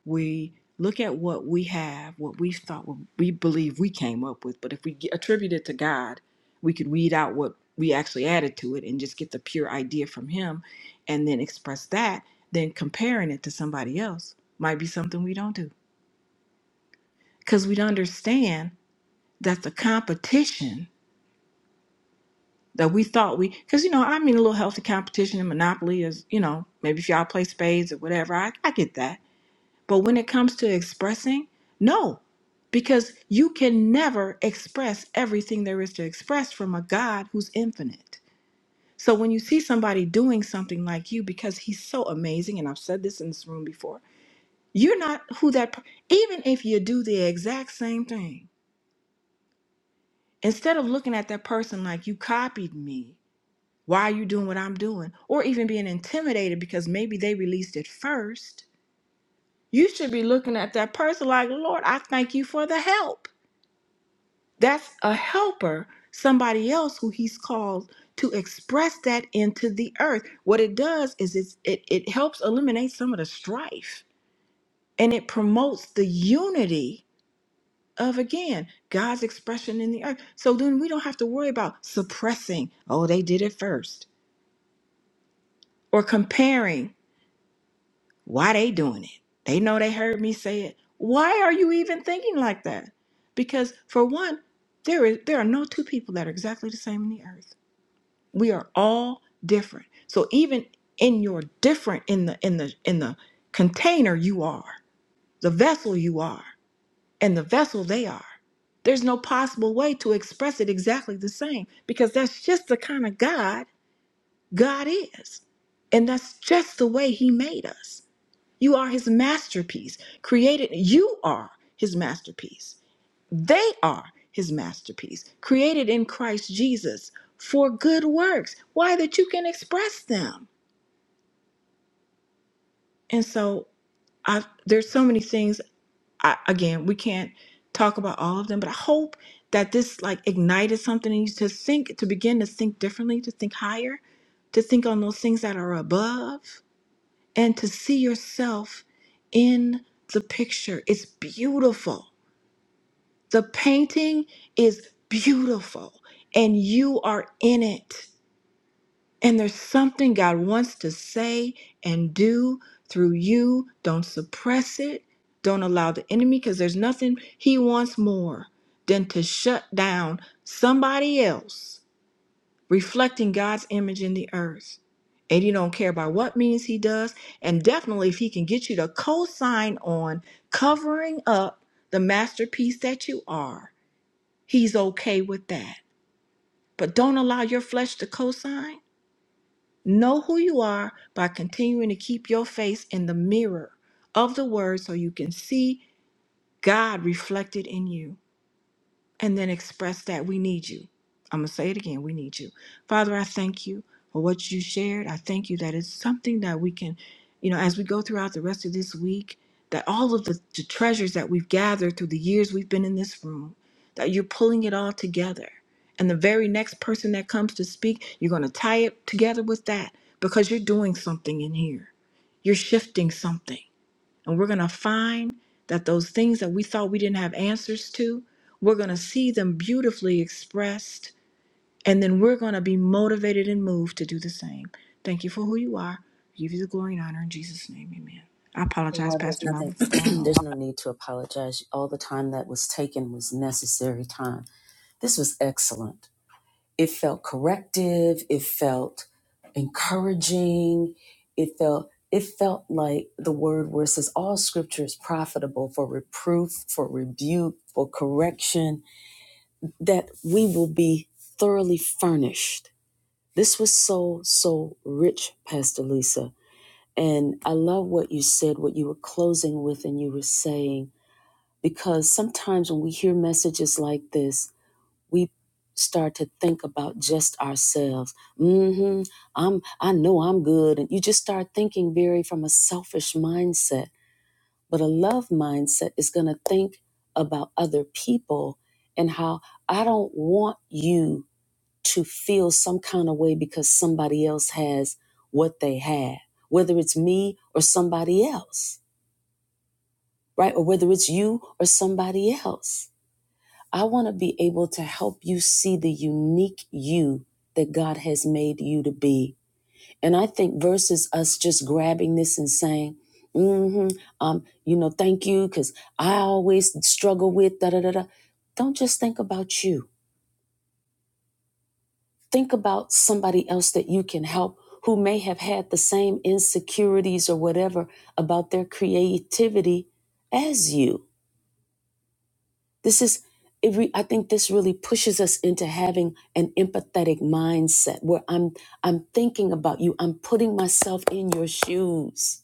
we look at what we have, what we thought, what we believe we came up with. But if we get- attribute it to God, we could weed out what we actually added to it and just get the pure idea from Him and then express that. Then comparing it to somebody else might be something we don't do because we don't understand that the competition that we thought we, because you know, I mean, a little healthy competition and monopoly is, you know, maybe if y'all play spades or whatever, I, I get that But when it comes to expressing, no, because you can never express everything there is to express from a God who's infinite. So when you see somebody doing something like you because he's so amazing, and I've said this in this room before, you're not who that, per- even if you do the exact same thing, instead of looking at that person like you copied me, why are you doing what I'm doing? Or even being intimidated because maybe they released it first, you should be looking at that person like, Lord, I thank you for the help That's a helper, somebody else who he's called to express that into the earth. What it does is it's, it, it helps eliminate some of the strife and it promotes the unity of, again, God's expression in the earth. So then we don't have to worry about suppressing, oh, they did it first, or comparing why they doing it. They know they heard me say it. Why are you even thinking like that? Because for one, there is there are no two people that are exactly the same in the earth. we are all different so even in your different in the in the in the container you are the vessel you are and the vessel they are there's no possible way to express it exactly the same because that's just the kind of god god is and that's just the way he made us you are his masterpiece created you are his masterpiece they are his masterpiece, created in Christ Jesus for good works. Why? That you can express them. And so I there's so many things I, again, we can't talk about all of them, but I hope that this like ignited something in you to think to begin to think differently, to think higher, to think on those things that are above and to see yourself in the picture. It's beautiful. The painting is beautiful and you are in it. And there's something God wants to say and do through you. Don't suppress it. Don't allow the enemy because there's nothing he wants more than to shut down somebody else reflecting God's image in the earth. And you don't care about what means he does. And definitely, if he can get you to co sign on covering up the masterpiece that you are, He's okay with that. But don't allow your flesh to cosign. Know who you are by continuing to keep your face in the mirror of the word so you can see God reflected in you and then express that we need you. I'm going to say it again we need you. Father, I thank you for what you shared. I thank you that it's something that we can, you know, as we go throughout the rest of this week, that all of the, the treasures that we've gathered through the years we've been in this room, that you're pulling it all together. And the very next person that comes to speak, you're going to tie it together with that because you're doing something in here. You're shifting something. And we're going to find that those things that we thought we didn't have answers to, we're going to see them beautifully expressed. And then we're going to be motivated and moved to do the same. Thank you for who you are. I give you the glory and honor in Jesus' name. Amen. I apologize, Well, there's Pastor Melvin, for going nothing, over. there's no need to apologize. All the time that was taken was necessary time. This was excellent. It felt corrective. It felt encouraging. It felt, it felt like the word where it says all scripture is profitable for reproof, for rebuke, for correction, that we will be thoroughly furnished. This was so, so rich, Pastor Lisa. And I love what you said, what you were closing with, and you were saying because sometimes when we hear messages like this, we start to think about just ourselves. Mm-hmm. I'm I know I'm good. And you just start thinking very from a selfish mindset. But a love mindset is gonna think about other people and how I don't want you to feel some kind of way because somebody else has what they have, whether it's me or somebody else, right? Or whether it's you or somebody else I want to be able to help you see the unique you that God has made you to be. And I think versus us just grabbing this and saying, mm-hmm, um, you know, thank you, because I always struggle with da da da da. Don't just think about you. Think about somebody else that you can help who may have had the same insecurities or whatever about their creativity as you This is, it re, I think this really pushes us into having an empathetic mindset where I'm, I'm thinking about you. I'm putting myself in your shoes.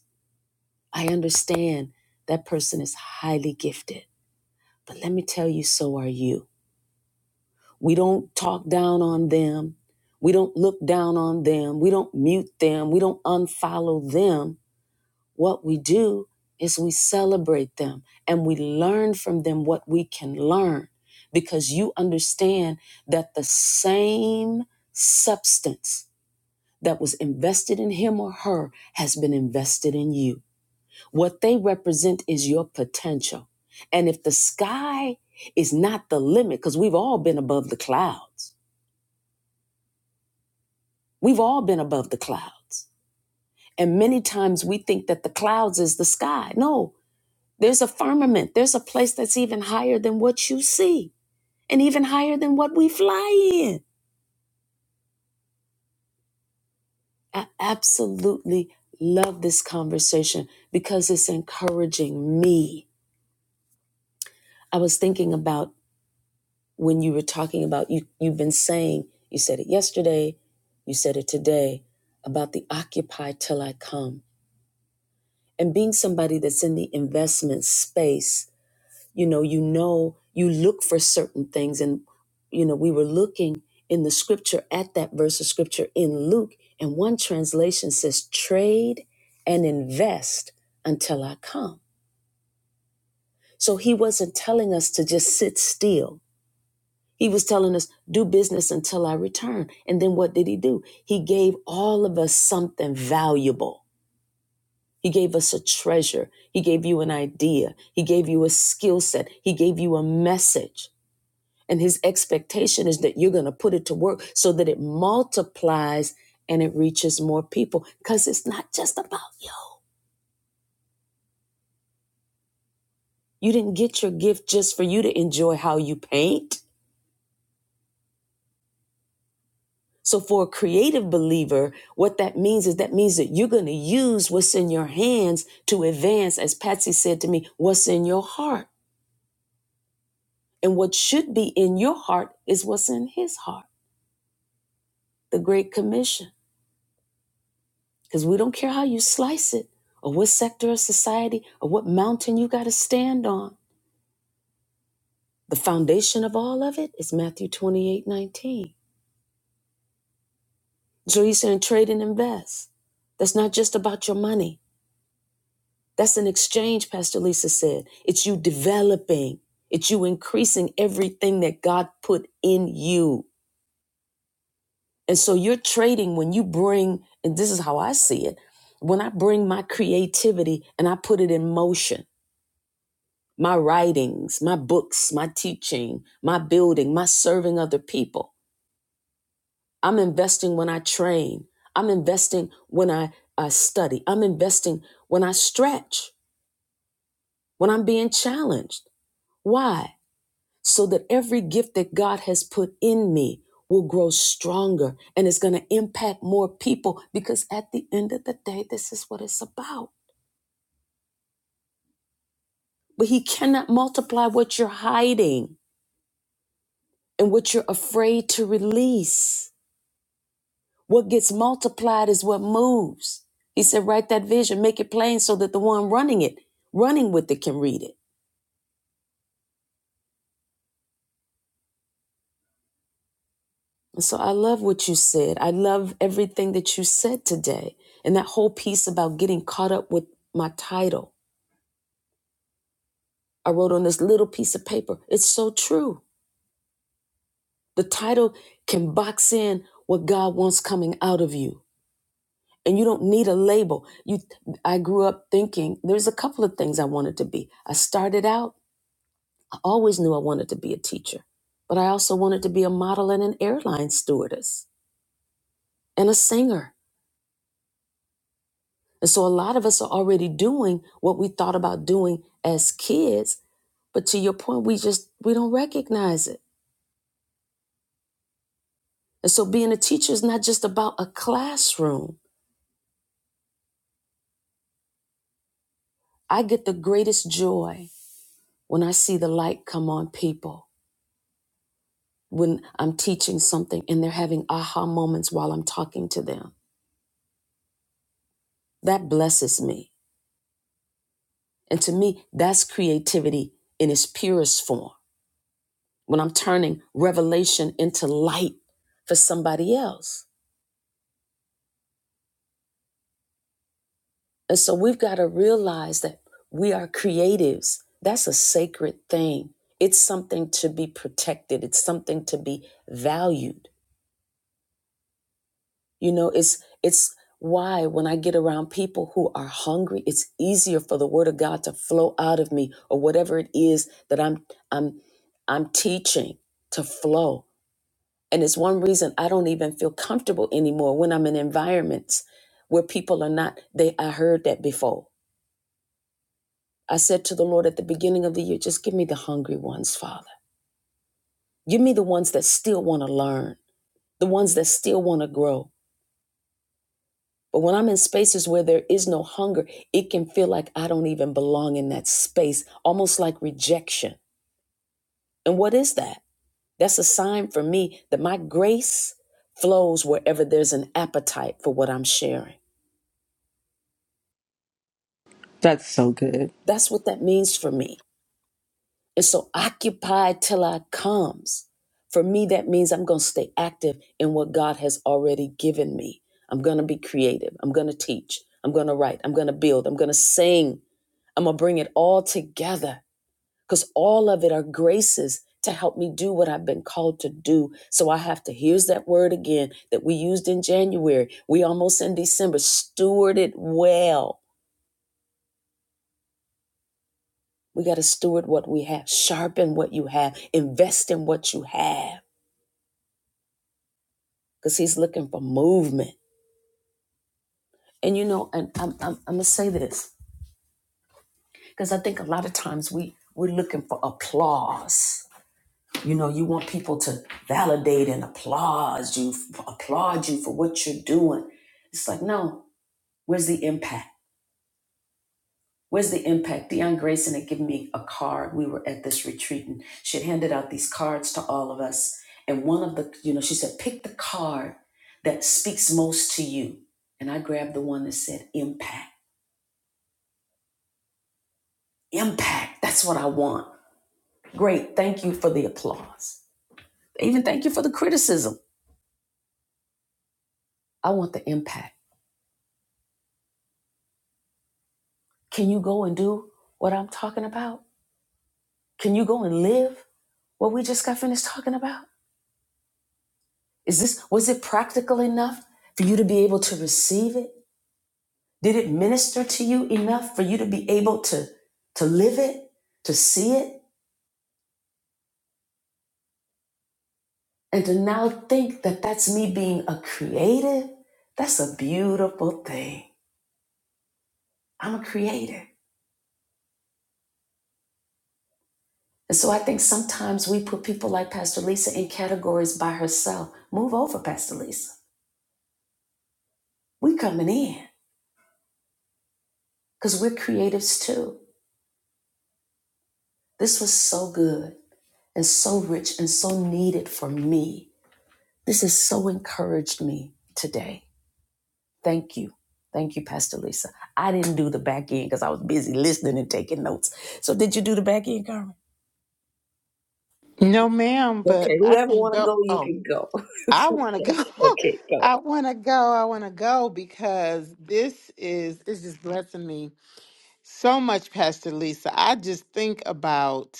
I understand that person is highly gifted, but let me tell you, so are you. We don't talk down on them. We don't look down on them. We don't mute them. We don't unfollow them what we do is we celebrate them and we learn from them what we can learn because you understand that the same substance that was invested in him or her has been invested in you. What they represent is your potential. And if the sky is not the limit, because we've all been above the clouds, we've all been above the clouds. And many times we think that the clouds is the sky. No, There's a firmament, there's a place that's even higher than what you see and even higher than what we fly in. I absolutely love this conversation because it's encouraging me. I was thinking about when you were talking about you you've been saying, you said it yesterday, you said it today about the occupy till I come and being somebody that's in the investment space you know you know you look for certain things and you know we were looking in the scripture at that verse of scripture in luke and one translation says trade and invest until i come so he wasn't telling us to just sit still he was telling us do business until i return and then what did he do he gave all of us something valuable he gave us a treasure he gave you an idea he gave you a skill set he gave you a message And his expectation is that you're going to put it to work so that it multiplies and it reaches more people because it's not just about you. You didn't get your gift just for you to enjoy how you paint. So, for a creative believer, what that means is that means that you're going to use what's in your hands to advance, as Patsy said to me, what's in your heart. And what should be in your heart is what's in his heart, the Great Commission. Because we don't care how you slice it or what sector of society or what mountain you got to stand on. The foundation of all of it is Matthew 28 19. So he said, trade and invest. That's not just about your money. That's an exchange, Pastor Lisa said. It's you developing, it's you increasing everything that God put in you. And so you're trading when you bring, and this is how I see it, when I bring my creativity and I put it in motion. my writings, my books, my teaching, my building, my serving other people. I'm investing when I train. I'm investing when I uh, study. I'm investing when I stretch, when I'm being challenged. Why? So that every gift that God has put in me will grow stronger and it's going to impact more people because at the end of the day, this is what it's about. But He cannot multiply what you're hiding and what you're afraid to release. What gets multiplied is what moves. He said, write that vision, make it plain so that the one running it, running with it, can read it. And so I love what you said. I love everything that you said today. And that whole piece about getting caught up with my title, I wrote on this little piece of paper. It's so true. The title can box in what God wants coming out of you. And you don't need a label. You I grew up thinking there's a couple of things I wanted to be. I started out I always knew I wanted to be a teacher, but I also wanted to be a model and an airline stewardess and a singer. And so a lot of us are already doing what we thought about doing as kids, but to your point, we just we don't recognize it. And so being a teacher is not just about a classroom. I get the greatest joy when I see the light come on people when I'm teaching something and they're having aha moments while I'm talking to them. That blesses me. And to me, that's creativity in its purest form. When I'm turning revelation into light for somebody else. And so we've got to realize that we are creatives. That's a sacred thing. It's something to be protected. It's something to be valued. You know, it's it's why when I get around people who are hungry, it's easier for the word of God to flow out of me or whatever it is that I'm I'm I'm teaching to flow And it's one reason I don't even feel comfortable anymore when I'm in environments where people are not, they I heard that before. I said to the Lord at the beginning of the year, just give me the hungry ones, Father. Give me the ones that still want to learn, the ones that still want to grow. But when I'm in spaces where there is no hunger, it can feel like I don't even belong in that space, almost like rejection. And what is that? That's a sign for me that my grace flows wherever there's an appetite for what I'm sharing. That's so good. That's what that means for me. And so occupied till I comes. For me, that means I'm going to stay active in what God has already given me. I'm going to be creative. I'm going to teach. I'm going to write. I'm going to build. I'm going to sing. I'm going to bring it all together because all of it are graces to help me do what I've been called to do. So I have to, here's that word again that we used in January. We almost in December. Steward it well We got to steward what we have, sharpen what you have, invest in what you have, because he's looking for movement. And you know, and I'm, I'm, I'm gonna say this because I think a lot of times we we're looking for applause. You know, you want people to validate and applaud you, applaud you for what you're doing. It's like, no, where's the impact? Where's the impact? Dion Grayson had given me a card. We were at this retreat and she had handed out these cards to all of us. And one of the, you know, she said, pick the card that speaks most to you. And I grabbed the one that said impact. Impact. That's what I want. Great. Thank you for the applause. Even thank you for the criticism. I want the impact. Can you go and do what I'm talking about? Can you go and live what we just got finished talking about? Is this, was it practical enough for you to be able to receive it? Did it minister to you enough for you to be able to, to live it, to see it, and to now think that that's me being a creative? That's a beautiful thing. I'm a creative. And so I think sometimes we put people like Pastor Lisa in categories by herself. Move over, Pastor Lisa. We coming in because we're creatives too. This was so good and so rich and so needed for me. This has so encouraged me today. Thank you. Thank you, Pastor Lisa. I didn't do the back end because I was busy listening and taking notes. So did you do the back end, Carmen? No, ma'am, but Okay, I whoever can want to go. go, you Oh, can go. I want to go. okay, go. I want to go. I want to go because this is, it's just blessing me so much, Pastor Lisa. I just think about.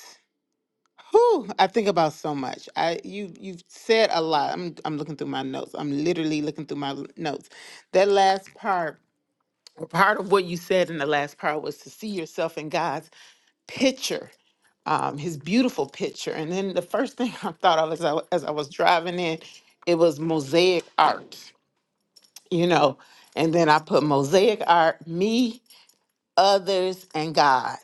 Whew, I think about so much. I you you've said a lot. I'm I'm looking through my notes. I'm literally looking through my l- notes. That last part, part of what you said in the last part was to see yourself in God's. picture, um, his beautiful picture. And then the first thing I thought of as I, as I was driving in, it was mosaic art, you know. And then I put mosaic art, me, others, and God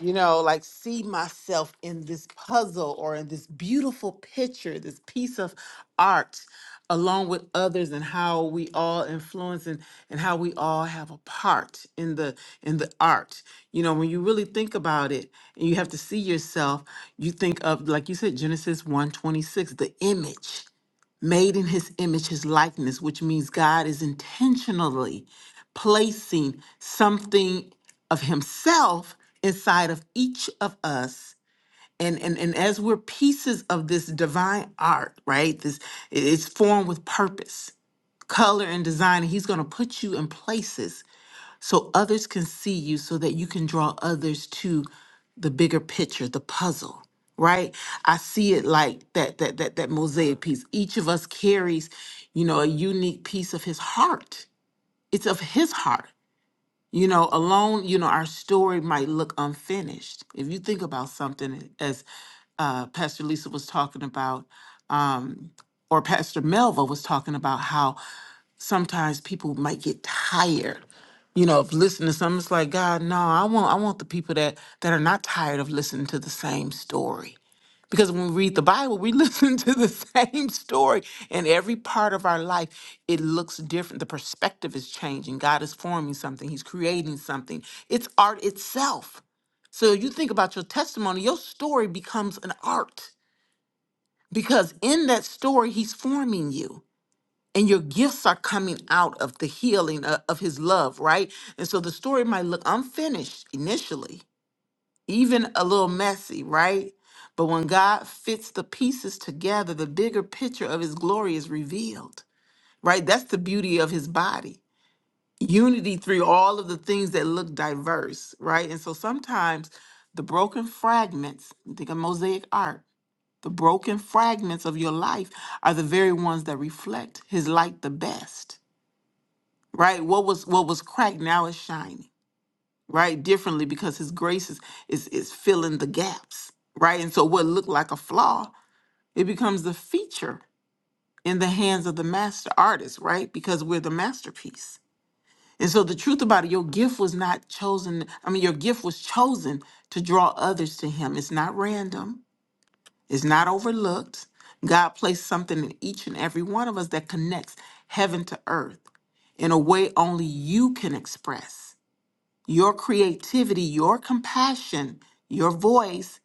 you know, like see myself in this puzzle or in this beautiful picture, this piece of art, along with others, and how we all influence and, and how we all have a part in the in the art. You know, when you really think about it and you have to see yourself, you think of like you said, Genesis 126, the image made in his image, his likeness, which means God is intentionally placing something of himself inside of each of us. And, and, and as we're pieces of this divine art, right? This it's formed with purpose, color, and design. And he's gonna put you in places so others can see you so that you can draw others to the bigger picture the puzzle right i see it like that that that that mosaic piece each of us carries you know a unique piece of his heart it's of his heart you know, alone, you know, our story might look unfinished. If you think about something, as uh, Pastor Lisa was talking about, um, or Pastor Melva was talking about, how sometimes people might get tired, you know, of listening to something. It's like, God, no, I want, I want the people that that are not tired of listening to the same story. Because when we read the Bible, we listen to the same story. And every part of our life, it looks different. The perspective is changing. God is forming something, He's creating something. It's art itself. So you think about your testimony, your story becomes an art because in that story, He's forming you. And your gifts are coming out of the healing of, of his love, right? And so the story might look unfinished initially, even a little messy, right? But when God fits the pieces together, the bigger picture of his glory is revealed, right? That's the beauty of his body. Unity through all of the things that look diverse, right? And so sometimes the broken fragments, think of mosaic art, the broken fragments of your life are the very ones that reflect his light the best, right? What was what was cracked now is shining right differently because his grace is is, is filling the gaps right and so what looked like a flaw it becomes the feature in the hands of the master artist right because we're the masterpiece and so the truth about it your gift was not chosen i mean your gift was chosen to draw others to him it's not random it's not overlooked god placed something in each and every one of us that connects heaven to earth in a way only you can express your creativity, your compassion, your voice,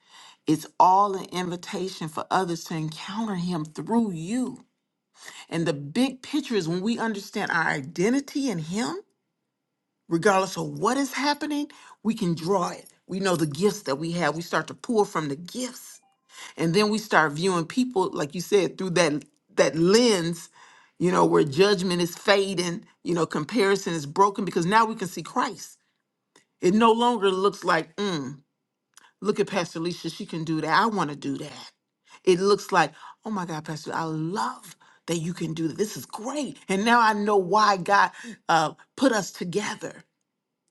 it's all an invitation for others to encounter Him through you. And the big picture is when we understand our identity in Him, regardless of what is happening, we can draw it. We know the gifts that we have. We start to pour from the gifts. And then we start viewing people, like you said, through that that lens, you know, where judgment is fading, you know, comparison is broken because now we can see Christ. It no longer looks like, mm, look at Pastor Alicia, she can do that. I want to do that. It looks like, oh my God, Pastor, I love that you can do that. This is great. And now I know why God uh, put us together.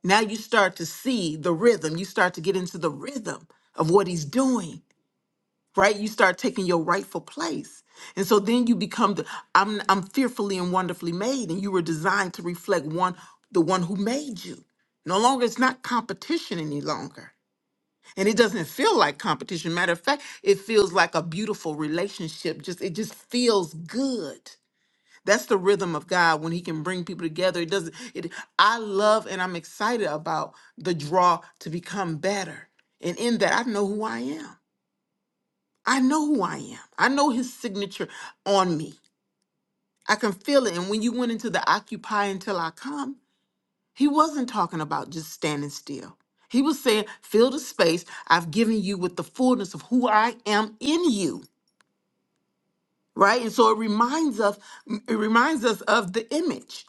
Now you start to see the rhythm. You start to get into the rhythm of what he's doing right? You start taking your rightful place. And so then you become the I'm I'm fearfully and wonderfully made and you were designed to reflect one the one who made you. No longer it's not competition any longer. And it doesn't feel like competition. Matter of fact, it feels like a beautiful relationship. Just it just feels good. That's the rhythm of God when he can bring people together. It doesn't it I love and I'm excited about the draw to become better. And in that I know who I am. I know who I am. I know his signature on me. I can feel it. And when you went into the occupy until I come, he wasn't talking about just standing still. He was saying, fill the space I've given you with the fullness of who I am in you. Right. And so it reminds us, it reminds us of the image,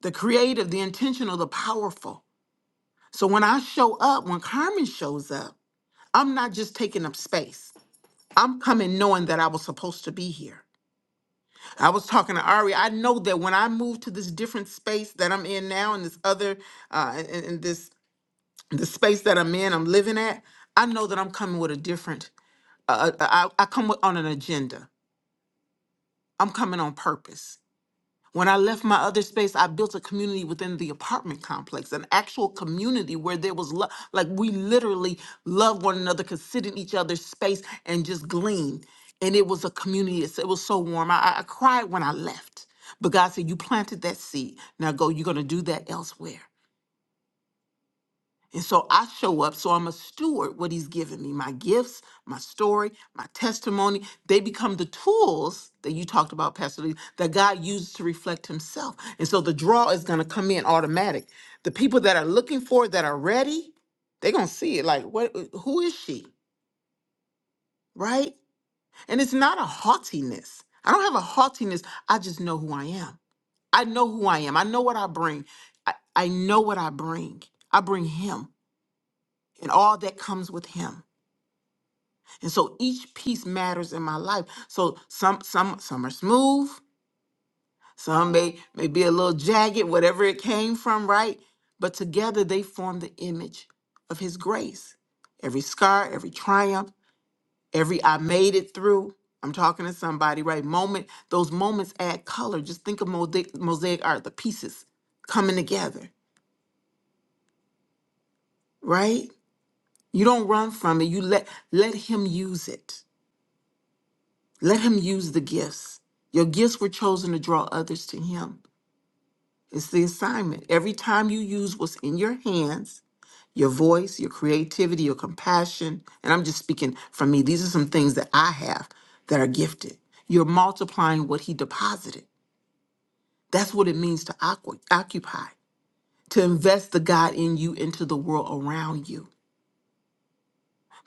the creative, the intentional, the powerful. So when I show up, when Carmen shows up, I'm not just taking up space. I'm coming knowing that I was supposed to be here. I was talking to Ari. I know that when I move to this different space that I'm in now, and this other, uh, in, in this the space that I'm in, I'm living at. I know that I'm coming with a different. Uh, uh, I, I come with, on an agenda. I'm coming on purpose. When I left my other space, I built a community within the apartment complex, an actual community where there was love. Like we literally loved one another, could sit in each other's space and just glean. And it was a community. It's- It was so warm. I, I I cried when I left. But God said, You planted that seed. Now go, you're going to do that elsewhere. And so I show up. So I'm a steward, what he's given me my gifts, my story, my testimony. They become the tools that you talked about, Pastor Lee, that God uses to reflect himself. And so the draw is going to come in automatic. The people that are looking for it, that are ready, they're going to see it like, what, uh, who is she? Right? And it's not a haughtiness. I don't have a haughtiness. I just know who I am. I know who I am. I know what I bring. I, I know what I bring. I bring him and all that comes with him. And so each piece matters in my life. So some some some are smooth, some may may be a little jagged, whatever it came from, right? But together they form the image of his grace. Every scar, every triumph, every I made it through. I'm talking to somebody, right? Moment, those moments add color. Just think of mosaic, mosaic art, the pieces coming together, right? You don't run from it. You let let him use it. Let him use the gifts. Your gifts were chosen to draw others to him. It's the assignment. Every time you use what's in your hands, your voice, your creativity, your compassion, and I'm just speaking from me, these are some things that I have that are gifted. You're multiplying what he deposited. That's what it means to ocu- occupy, to invest the God in you into the world around you.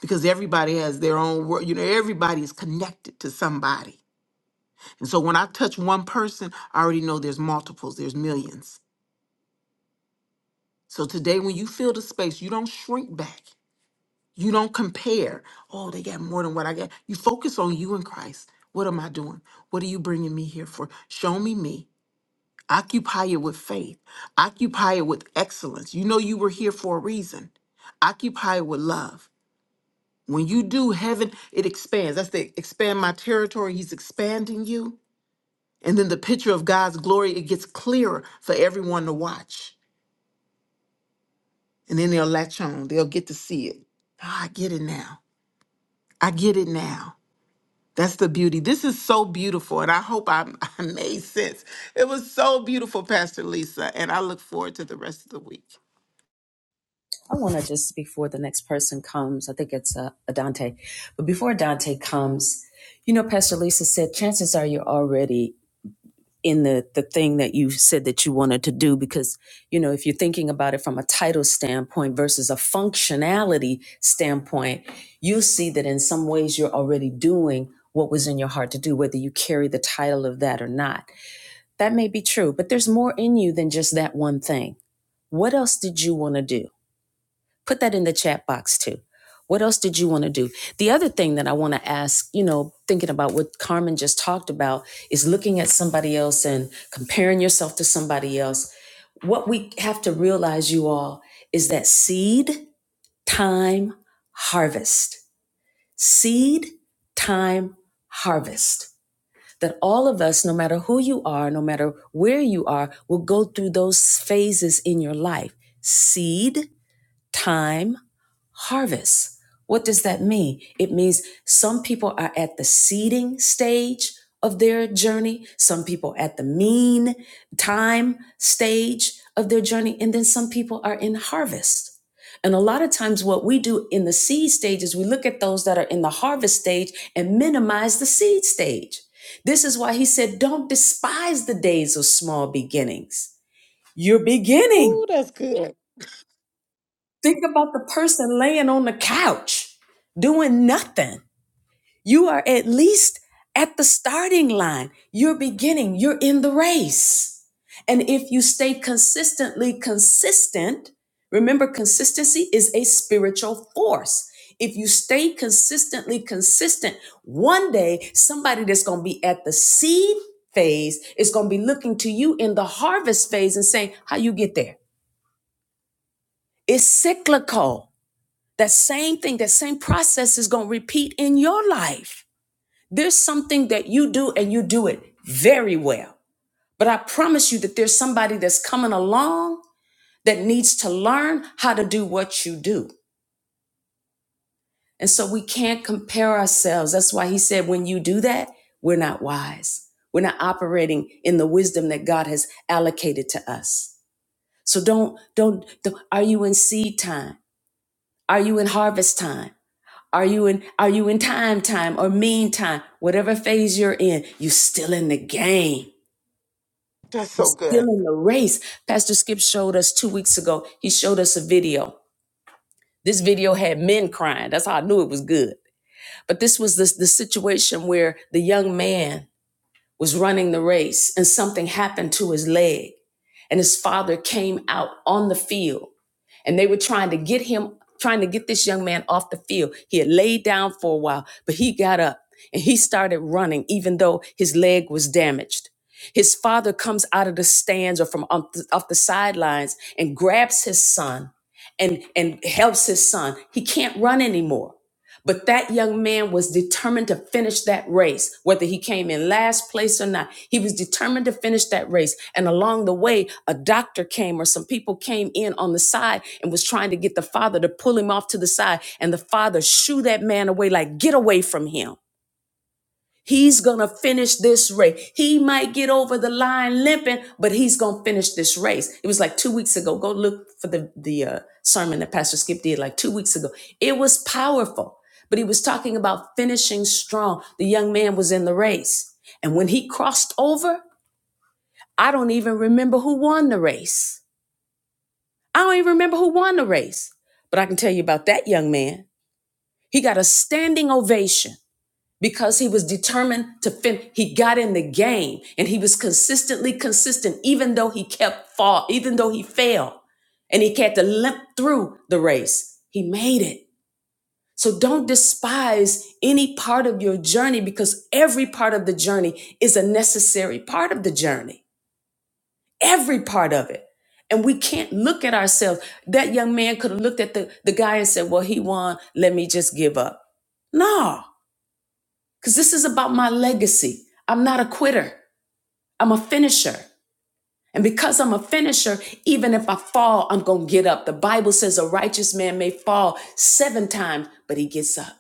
Because everybody has their own world. You know, everybody is connected to somebody. And so when I touch one person, I already know there's multiples, there's millions. So today, when you fill the space, you don't shrink back. You don't compare. Oh, they got more than what I got. You focus on you and Christ. What am I doing? What are you bringing me here for? Show me me. Occupy it with faith. Occupy it with excellence. You know you were here for a reason. Occupy it with love. When you do, heaven, it expands. That's the expand my territory. He's expanding you. And then the picture of God's glory, it gets clearer for everyone to watch. And then they'll latch on, they'll get to see it. Oh, I get it now. I get it now. That's the beauty. This is so beautiful. And I hope I, I made sense. It was so beautiful, Pastor Lisa. And I look forward to the rest of the week. I want to just before the next person comes, I think it's uh, Adante, but before Adante comes, you know, Pastor Lisa said, chances are you're already in the the thing that you said that you wanted to do because you know if you're thinking about it from a title standpoint versus a functionality standpoint you'll see that in some ways you're already doing what was in your heart to do whether you carry the title of that or not that may be true but there's more in you than just that one thing what else did you want to do Put that in the chat box too. What else did you want to do? The other thing that I want to ask, you know, thinking about what Carmen just talked about is looking at somebody else and comparing yourself to somebody else. What we have to realize, you all, is that seed, time, harvest. Seed, time, harvest. That all of us, no matter who you are, no matter where you are, will go through those phases in your life. Seed, time, harvest. What does that mean? It means some people are at the seeding stage of their journey, some people at the mean time stage of their journey, and then some people are in harvest. And a lot of times, what we do in the seed stage is we look at those that are in the harvest stage and minimize the seed stage. This is why he said, Don't despise the days of small beginnings. You're beginning. Ooh, that's good. Think about the person laying on the couch doing nothing. You are at least at the starting line. You're beginning, you're in the race. And if you stay consistently consistent, remember, consistency is a spiritual force. If you stay consistently consistent, one day somebody that's going to be at the seed phase is going to be looking to you in the harvest phase and saying, How you get there? It's cyclical. That same thing, that same process is going to repeat in your life. There's something that you do and you do it very well. But I promise you that there's somebody that's coming along that needs to learn how to do what you do. And so we can't compare ourselves. That's why he said, when you do that, we're not wise. We're not operating in the wisdom that God has allocated to us. So don't, don't, don't are you in seed time? Are you in harvest time? Are you in are you in time time or mean time? Whatever phase you're in, you are still in the game. That's You're so still good. in the race. Pastor Skip showed us two weeks ago. He showed us a video. This video had men crying. That's how I knew it was good. But this was the, the situation where the young man was running the race and something happened to his leg. And his father came out on the field and they were trying to get him, trying to get this young man off the field. He had laid down for a while, but he got up and he started running, even though his leg was damaged. His father comes out of the stands or from off the, off the sidelines and grabs his son and, and helps his son. He can't run anymore. But that young man was determined to finish that race, whether he came in last place or not. He was determined to finish that race. And along the way, a doctor came or some people came in on the side and was trying to get the father to pull him off to the side. And the father shooed that man away, like, get away from him. He's going to finish this race. He might get over the line limping, but he's going to finish this race. It was like two weeks ago. Go look for the, the uh, sermon that Pastor Skip did like two weeks ago. It was powerful, but he was talking about finishing strong. The young man was in the race. And when he crossed over, I don't even remember who won the race. I don't even remember who won the race, but I can tell you about that young man. He got a standing ovation because he was determined to finish, he got in the game and he was consistently consistent even though he kept fall even though he failed and he had to limp through the race he made it so don't despise any part of your journey because every part of the journey is a necessary part of the journey every part of it and we can't look at ourselves that young man could have looked at the, the guy and said well he won let me just give up no because this is about my legacy. I'm not a quitter, I'm a finisher. And because I'm a finisher, even if I fall, I'm going to get up. The Bible says a righteous man may fall seven times, but he gets up.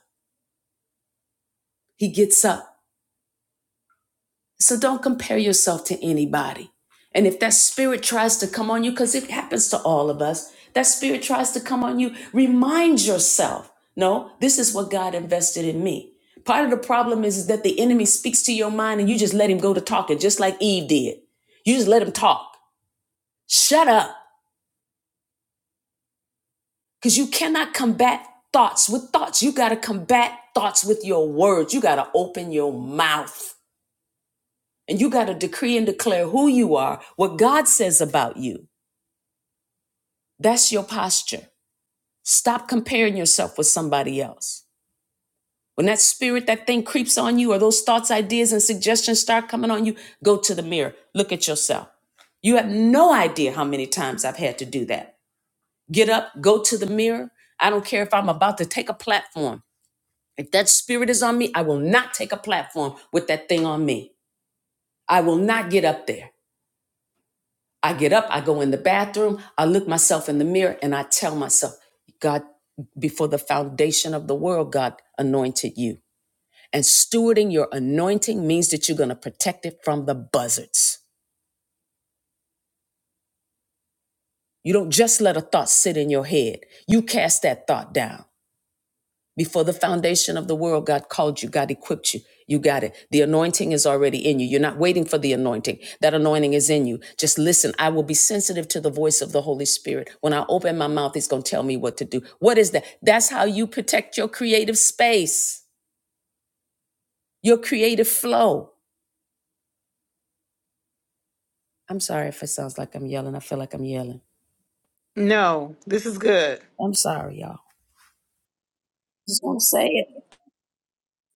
He gets up. So don't compare yourself to anybody. And if that spirit tries to come on you, because it happens to all of us, that spirit tries to come on you, remind yourself no, this is what God invested in me. Part of the problem is that the enemy speaks to your mind and you just let him go to talking, just like Eve did. You just let him talk. Shut up, because you cannot combat thoughts with thoughts. You got to combat thoughts with your words. You got to open your mouth. And you got to decree and declare who you are, what God says about you. That's your posture. Stop comparing yourself with somebody else. When that spirit, that thing creeps on you, or those thoughts, ideas, and suggestions start coming on you, go to the mirror. Look at yourself. You have no idea how many times I've had to do that. Get up, go to the mirror. I don't care if I'm about to take a platform. If that spirit is on me, I will not take a platform with that thing on me. I will not get up there. I get up, I go in the bathroom, I look myself in the mirror, and I tell myself, God, before the foundation of the world, God anointed you. And stewarding your anointing means that you're going to protect it from the buzzards. You don't just let a thought sit in your head, you cast that thought down. Before the foundation of the world, God called you, God equipped you. You got it. The anointing is already in you. You're not waiting for the anointing. That anointing is in you. Just listen. I will be sensitive to the voice of the Holy Spirit. When I open my mouth, He's going to tell me what to do. What is that? That's how you protect your creative space, your creative flow. I'm sorry if it sounds like I'm yelling. I feel like I'm yelling. No, this is good. I'm sorry, y'all. Just want to say it.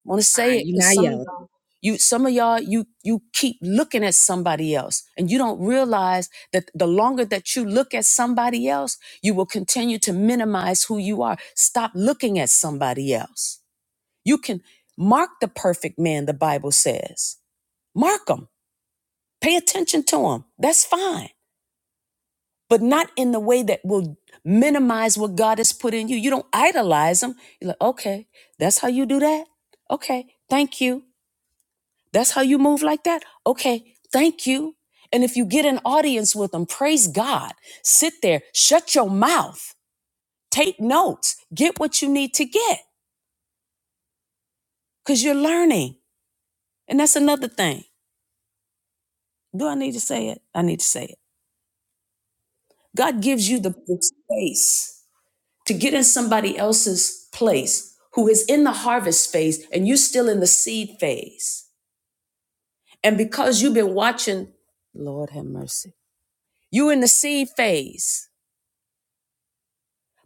want to say Fine, it you're because not some of yelling. y'all you some of y'all you you keep looking at somebody else and you don't realize that the longer that you look at somebody else you will continue to minimize who you are stop looking at somebody else you can mark the perfect man the bible says mark him pay attention to him that's fine but not in the way that will minimize what god has put in you you don't idolize him you're like okay that's how you do that okay thank you That's how you move like that? Okay, thank you. And if you get an audience with them, praise God. Sit there, shut your mouth, take notes, get what you need to get because you're learning. And that's another thing. Do I need to say it? I need to say it. God gives you the, the space to get in somebody else's place who is in the harvest phase and you're still in the seed phase. And because you've been watching, Lord have mercy, you in the seed phase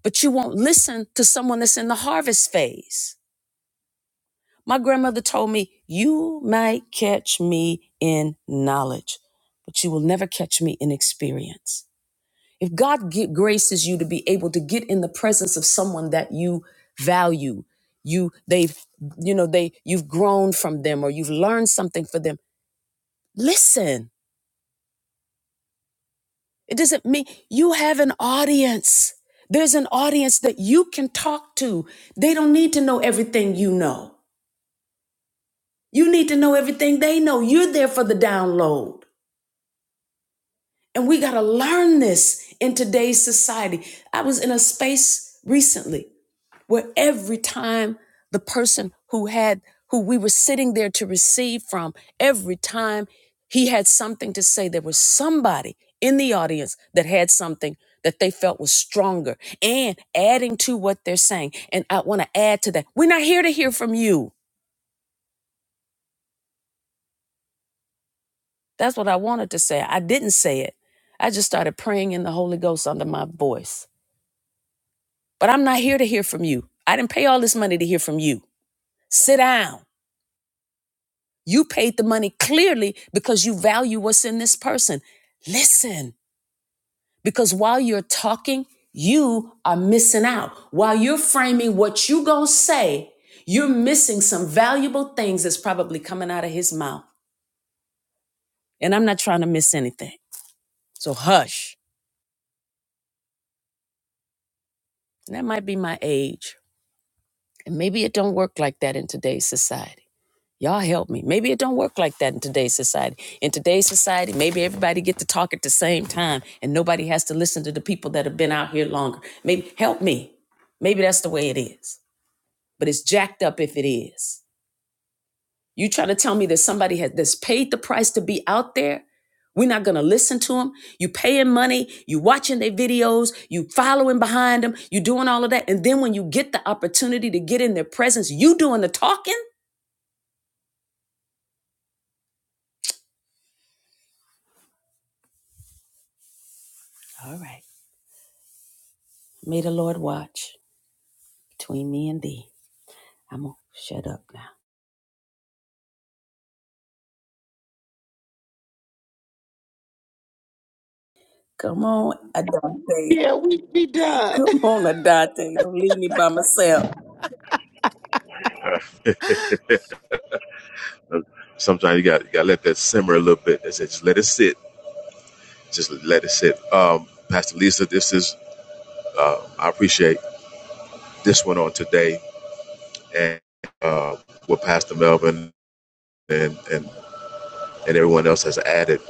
but you won't listen to someone that's in the harvest phase. My grandmother told me, You might catch me in knowledge, but you will never catch me in experience. If God gi- graces you to be able to get in the presence of someone that you value, you they've you know they you've grown from them or you've learned something for them. Listen. It doesn't mean you have an audience. There's an audience that you can talk to. They don't need to know everything you know. You need to know everything they know. You're there for the download. And we got to learn this in today's society. I was in a space recently where every time the person who had, who we were sitting there to receive from, every time he had something to say, there was somebody in the audience that had something that they felt was stronger and adding to what they're saying. And I want to add to that. We're not here to hear from you. That's what I wanted to say. I didn't say it. I just started praying in the Holy Ghost under my voice. But I'm not here to hear from you. I didn't pay all this money to hear from you. Sit down. You paid the money clearly because you value what's in this person. Listen, because while you're talking, you are missing out. While you're framing what you going to say, you're missing some valuable things that's probably coming out of his mouth. And I'm not trying to miss anything. So hush. And that might be my age And maybe it don't work like that in today's society. Y'all help me. Maybe it don't work like that in today's society. In today's society, maybe everybody get to talk at the same time and nobody has to listen to the people that have been out here longer. Maybe help me. Maybe that's the way it is. But it's jacked up if it is. You trying to tell me that somebody has, that's paid the price to be out there? We're not going to listen to them. You paying money, you watching their videos, you following behind them, you doing all of that. And then when you get the opportunity to get in their presence, you doing the talking? All right. May the Lord watch between me and thee. I'm going to shut up now. Come on, Adante. Yeah, we be done. Come on, Adante. Don't leave me by myself. Sometimes you got you got to let that simmer a little bit. That's it. Just let it sit. Just let it sit. Um, Pastor Lisa, this is I appreciate this one on today, and uh, what Pastor Melvin and and and everyone else has added.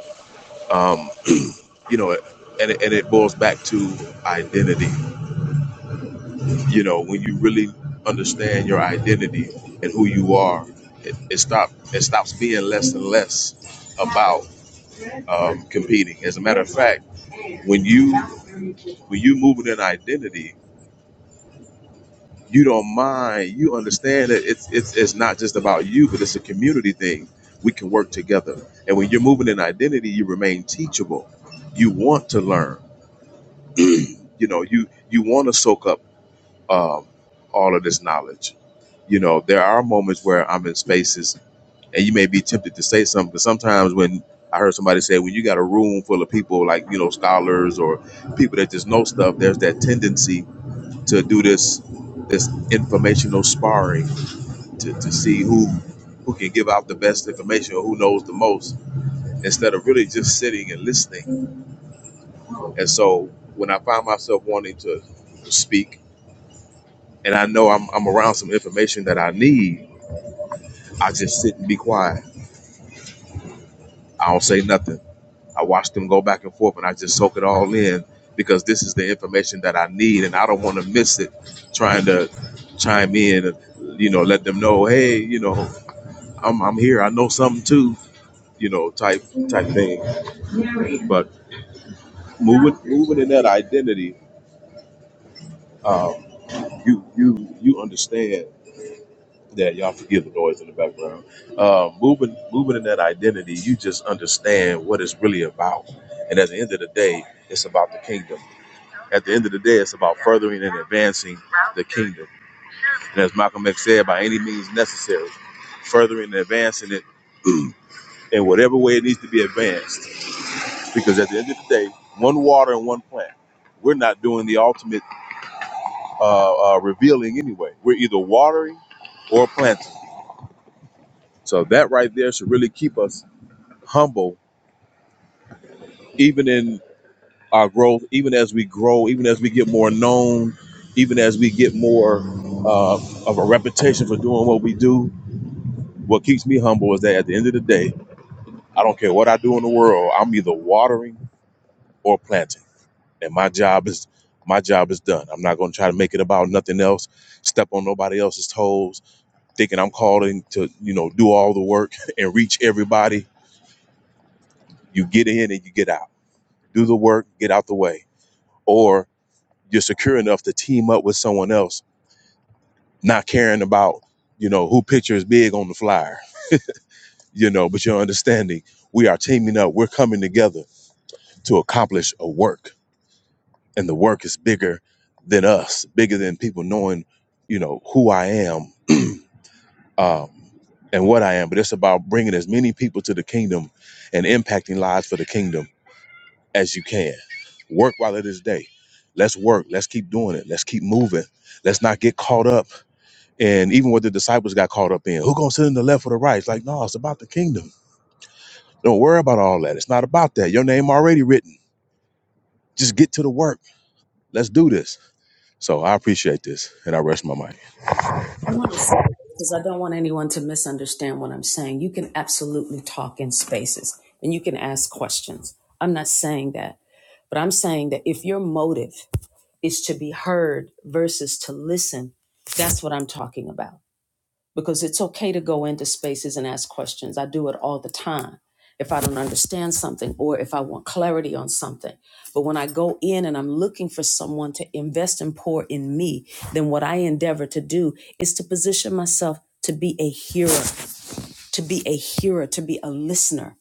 Um, you know, and it, and it boils back to identity. You know, when you really understand your identity and who you are, it, it stop it stops being less and less about um, competing. As a matter of fact, when you when you moving in identity, you don't mind. You understand that it's it's it's not just about you, but it's a community thing. We can work together. And when you're moving in identity, you remain teachable. You want to learn. You know, you you want to soak up um, all of this knowledge. You know, there are moments where I'm in spaces, and you may be tempted to say something. But sometimes when I heard somebody say, when you got a room full of people like you know scholars or people that just know stuff, there's that tendency to do this this informational sparring to, to see who who can give out the best information or who knows the most instead of really just sitting and listening. And so when I find myself wanting to speak and I know I'm, I'm around some information that I need, I just sit and be quiet. I don't say nothing. I watch them go back and forth and I just soak it all in because this is the information that I need and I don't want to miss it trying to chime in and you know let them know hey you know I'm I'm here. I know something too, you know, type type thing. But moving moving in that identity, um, you you you understand that y'all forgive the noise in the background. Uh, moving moving in that identity, you just understand what it's really about. And at the end of the day, it's about the kingdom. At the end of the day, it's about furthering and advancing the kingdom. And as Malcolm X said, by any means necessary, furthering and advancing it in whatever way it needs to be advanced because at the end of the day, one water and one plant. We're not doing the ultimate uh, uh, revealing anyway. We're either watering or planting. So that right there should really keep us humble, even in our growth, even as we grow, even as we get more known, even as we get more uh, of a reputation for doing what we do. What keeps me humble is that at the end of the day, I don't care what I do in the world, I'm either watering or planting. and my job is my job is done. I'm not going to try to make it about nothing else. Step on nobody else's toes, thinking I'm calling to you know do all the work and reach everybody. You get in and you get out. Do the work, get out the way, or you're secure enough to team up with someone else, not caring about you know who picture is big on the flyer. You know, but you're understanding we are teaming up. We're coming together to accomplish a work, and the work is bigger than us, bigger than people knowing you know who I am um, and what I am, but it's about bringing as many people to the kingdom and impacting lives for the kingdom as you can. Work while it is day. Let's work. Let's keep doing it. Let's keep moving. Let's not get caught up in even what the disciples got caught up in. Who gonna sit in the left or the right? It's like, no, it's about the kingdom. Don't worry about all that. It's not about that. Your name already written. Just get to the work. Let's do this. So I appreciate this, and I rest my mind. I want to say that because I don't want anyone to misunderstand what I'm saying. You can absolutely talk in spaces and you can ask questions. I'm not saying that, but I'm saying that if your motive is to be heard versus to listen, that's what I'm talking about because it's okay to go into spaces and ask questions. I do it all the time if I don't understand something or if I want clarity on something. But when I go in and I'm looking for someone to invest and pour in me, then what I endeavor to do is to position myself to be a hearer to be a hearer, to be a listener.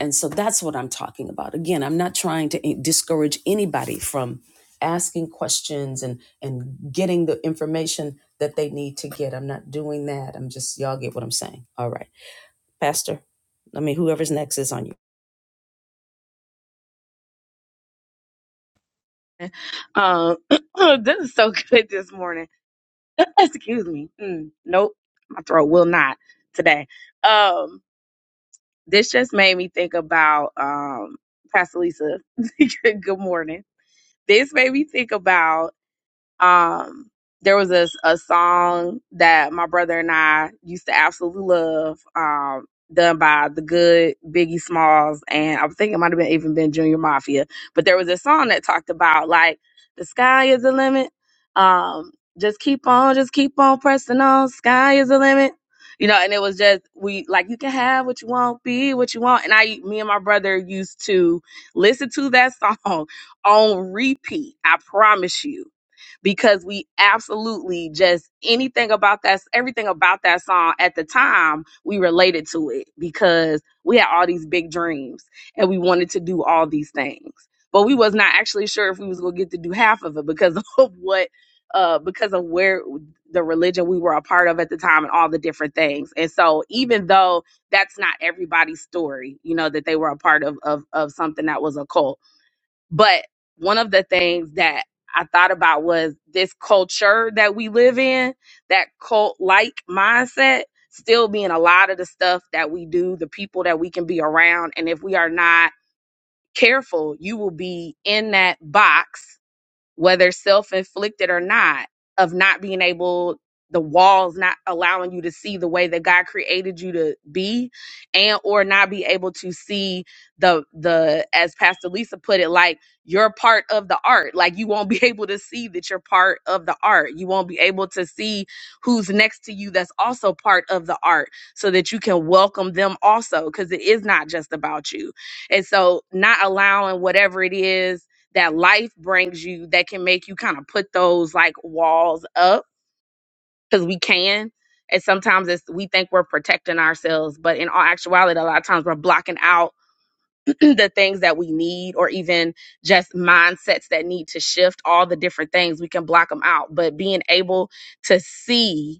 And so that's what I'm talking about. Again, I'm not trying to eh, discourage anybody from asking questions and and getting the information that they need to get. I'm not doing that. I'm just y'all get what I'm saying. All right. Pastor, I mean whoever's next is on you. Um, this is so good this morning. Excuse me. Mm, nope, my throat will not today. Um, this just made me think about um, Pastor Lisa. good morning. This made me think about um there was a, a song that my brother and I used to absolutely love, um, done by the good Biggie Smalls, and I think it might have been even been Junior Mafia. But there was a song that talked about like the sky is the limit. Um, just keep on, just keep on pressing on. Sky is the limit. You know, and it was just we like you can have what you want, be what you want. And I, me and my brother used to listen to that song on repeat. I promise you because we absolutely just anything about that everything about that song at the time we related to it because we had all these big dreams and we wanted to do all these things but we was not actually sure if we was going to get to do half of it because of what uh because of where the religion we were a part of at the time and all the different things and so even though that's not everybody's story you know that they were a part of of of something that was a cult but one of the things that I thought about was this culture that we live in, that cult like mindset, still being a lot of the stuff that we do, the people that we can be around. And if we are not careful, you will be in that box whether self inflicted or not, of not being able, the walls not allowing you to see the way that God created you to be, and or not be able to see the the as Pastor Lisa put it, like you're part of the art. Like you won't be able to see that you're part of the art. You won't be able to see who's next to you that's also part of the art, so that you can welcome them also, because it is not just about you. And so, not allowing whatever it is that life brings you that can make you kind of put those like walls up because we can. And sometimes it's, we think we're protecting ourselves, but in all actuality, a lot of times we're blocking out the things that we need or even just mindsets that need to shift, all the different things. We can block them out. But being able to see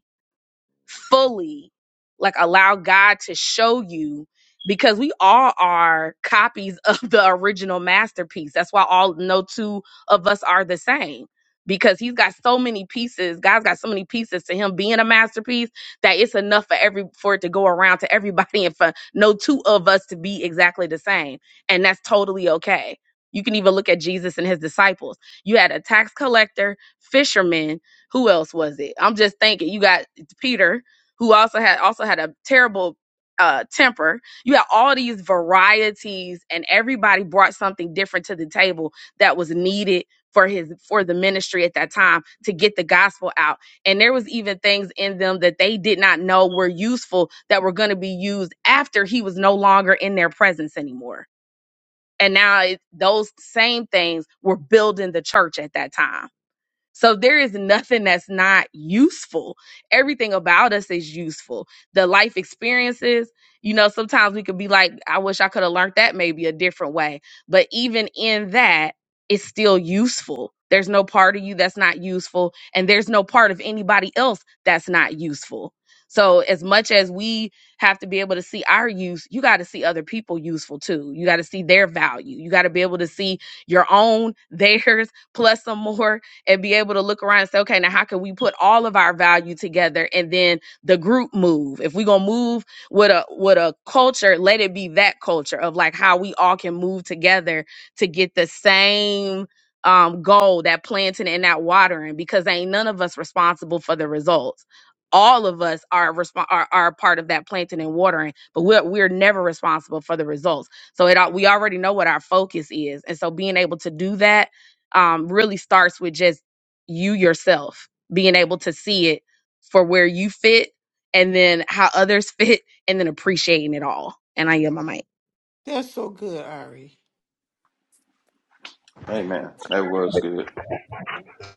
fully like allow God to show you because we all are copies of the original masterpiece. That's why all no two of us are the same because he's got so many pieces. God's got so many pieces to him being a masterpiece that it's enough for every for it to go around to everybody and for no two of us to be exactly the same. And that's totally okay. You can even look at Jesus and his disciples. You had a tax collector, fisherman, who else was it? I'm just thinking. You got Peter, who also had also had a terrible uh, temper. You had all these varieties, and everybody brought something different to the table that was needed for his for the ministry at that time to get the gospel out. And there was even things in them that they did not know were useful that were going to be used after he was no longer in their presence anymore. And now it, those same things were building the church at that time so there is nothing that's not useful. Everything about us is useful. The life experiences, you know, sometimes we could be like, I wish I could have learned that maybe a different way. But even in that, it's still useful. There's no part of you that's not useful, and there's no part of anybody else that's not useful. So as much as we have to be able to see our use, you got to see other people useful too. You got to see their value. You got to be able to see your own, theirs, plus some more and be able to look around and say, okay, now how can we put all of our value together and then the group move? If we're gonna move with a with a culture, let it be that culture of like how we all can move together to get the same um goal, that planting and that watering, because ain't none of us responsible for the results. All of us are, resp- are are part of that planting and watering, but we're we're never responsible for the results. So it al- we already know what our focus is, and so being able to do that um, really starts with just you yourself being able to see it for where you fit and then how others fit and then appreciating it all. And I am my mic. That's so good, Ari. Hey man, that was good.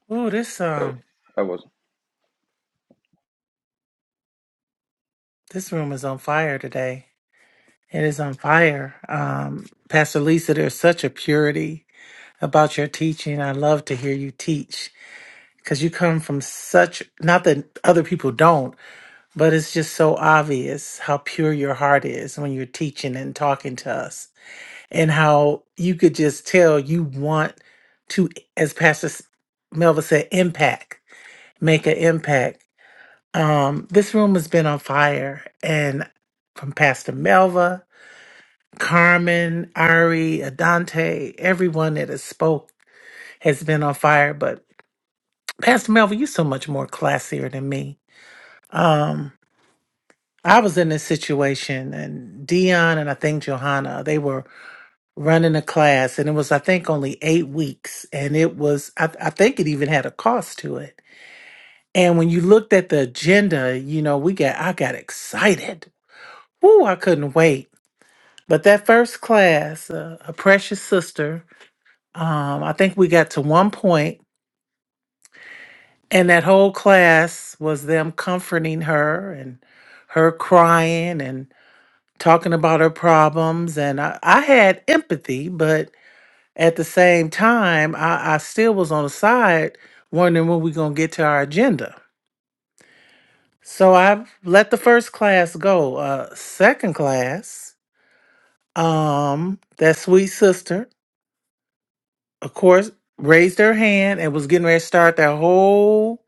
Oh, this That, um that was this room is on fire today. It is on fire. Um, Pastor Lisa, there's such a purity about your teaching. I love to hear you teach because you come from such not that other people don't, but it's just so obvious how pure your heart is when you're teaching and talking to us, and how you could just tell you want to, as Pastor S- Melva said, impact, make an impact Um, this room has been on fire, and from Pastor Melva, Carmen, Ari, Adante, everyone that has spoke has been on fire. But Pastor Melva, you're so much more classier than me. Um, I was in this situation, and Dion and I think Johanna, they were running a class, and it was I think only eight weeks, and it was I, I think it even had a cost to it. And when you looked at the agenda, you know, we got I got excited. Woo, I couldn't wait But that first class, uh, a precious sister, um, I think we got to one point, and that whole class was them comforting her and her crying and talking about her problems. And I, I had empathy, but at the same time, I, I still was on the side wondering when we going to get to our agenda. So I let the first class go. Uh, second class, um, that sweet sister. of course, raised her hand and was getting ready to start that whole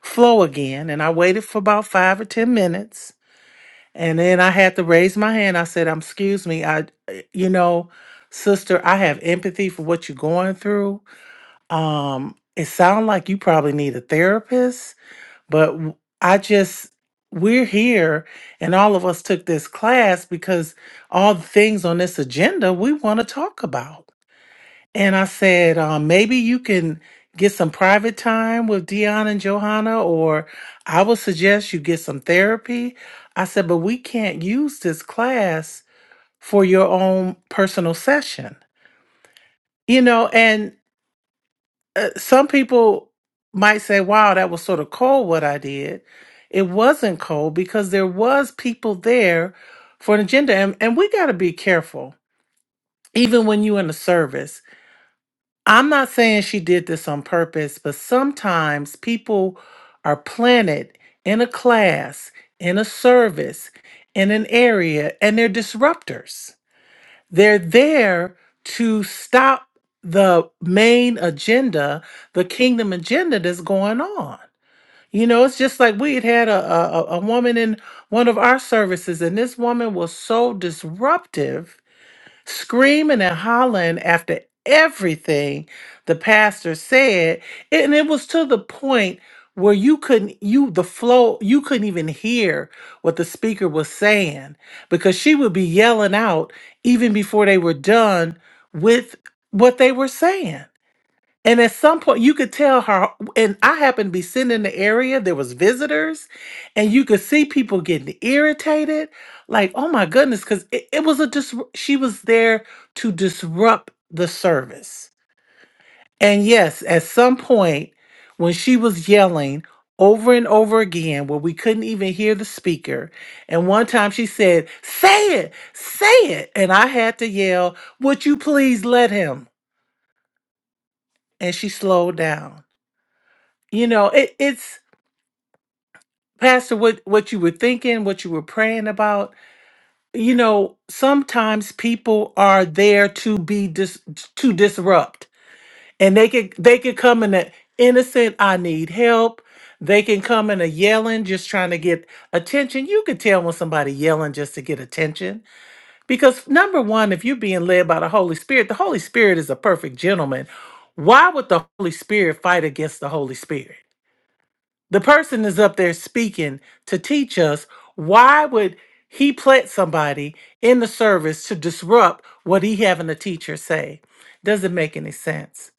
flow again. And I waited for about five or 10 minutes. And then I had to raise my hand. I said, um, excuse me. I, you know, sister, I have empathy for what you're going through. Um, it sounds like you probably need a therapist, but w- I just, we're here and all of us took this class because all the things on this agenda we want to talk about. And I said, um, maybe you can get some private time with Dion and Johanna, or I would suggest you get some therapy. I said, but we can't use this class for your own personal session. You know, and uh, some people might say, wow, that was sort of cold what I did. It wasn't cold because there was people there for an agenda. And, and we got to be careful, even when you're in the service. I'm not saying she did this on purpose, but sometimes people are planted in a class, in a service, in an area, and they're disruptors. They're there to stop the main agenda, the kingdom agenda that's going on. You know, it's just like we had had a, a, a a woman in one of our services, and this woman was so disruptive screaming and hollering after everything the pastor said. And it was to the point where you couldn't you the flow you couldn't even hear what the speaker was saying because she would be yelling out even before they were done with what they were saying and at some point, you could tell her, and I happened to be sitting in the area, there was visitors, and you could see people getting irritated. Like, oh my goodness, because it, it was a dis- she was there to disrupt the service. And yes, at some point, when she was yelling over and over again, where we couldn't even hear the speaker, and one time she said, Say it, say it. And I had to yell, Would you please let him? And she slowed down. you know it, it's pastor what what you were thinking what you were praying about you know sometimes people are there to be dis to disrupt and they could they could come in a innocent i need help they can come in a yelling just trying to get attention you could tell when somebody yelling just to get attention because number one if you're being led by the holy spirit the holy spirit is a perfect gentleman why would the holy spirit fight against the holy spirit The person is up there speaking to teach us why would he plant somebody in the service to disrupt what he having the teacher say? Doesn't make any sense.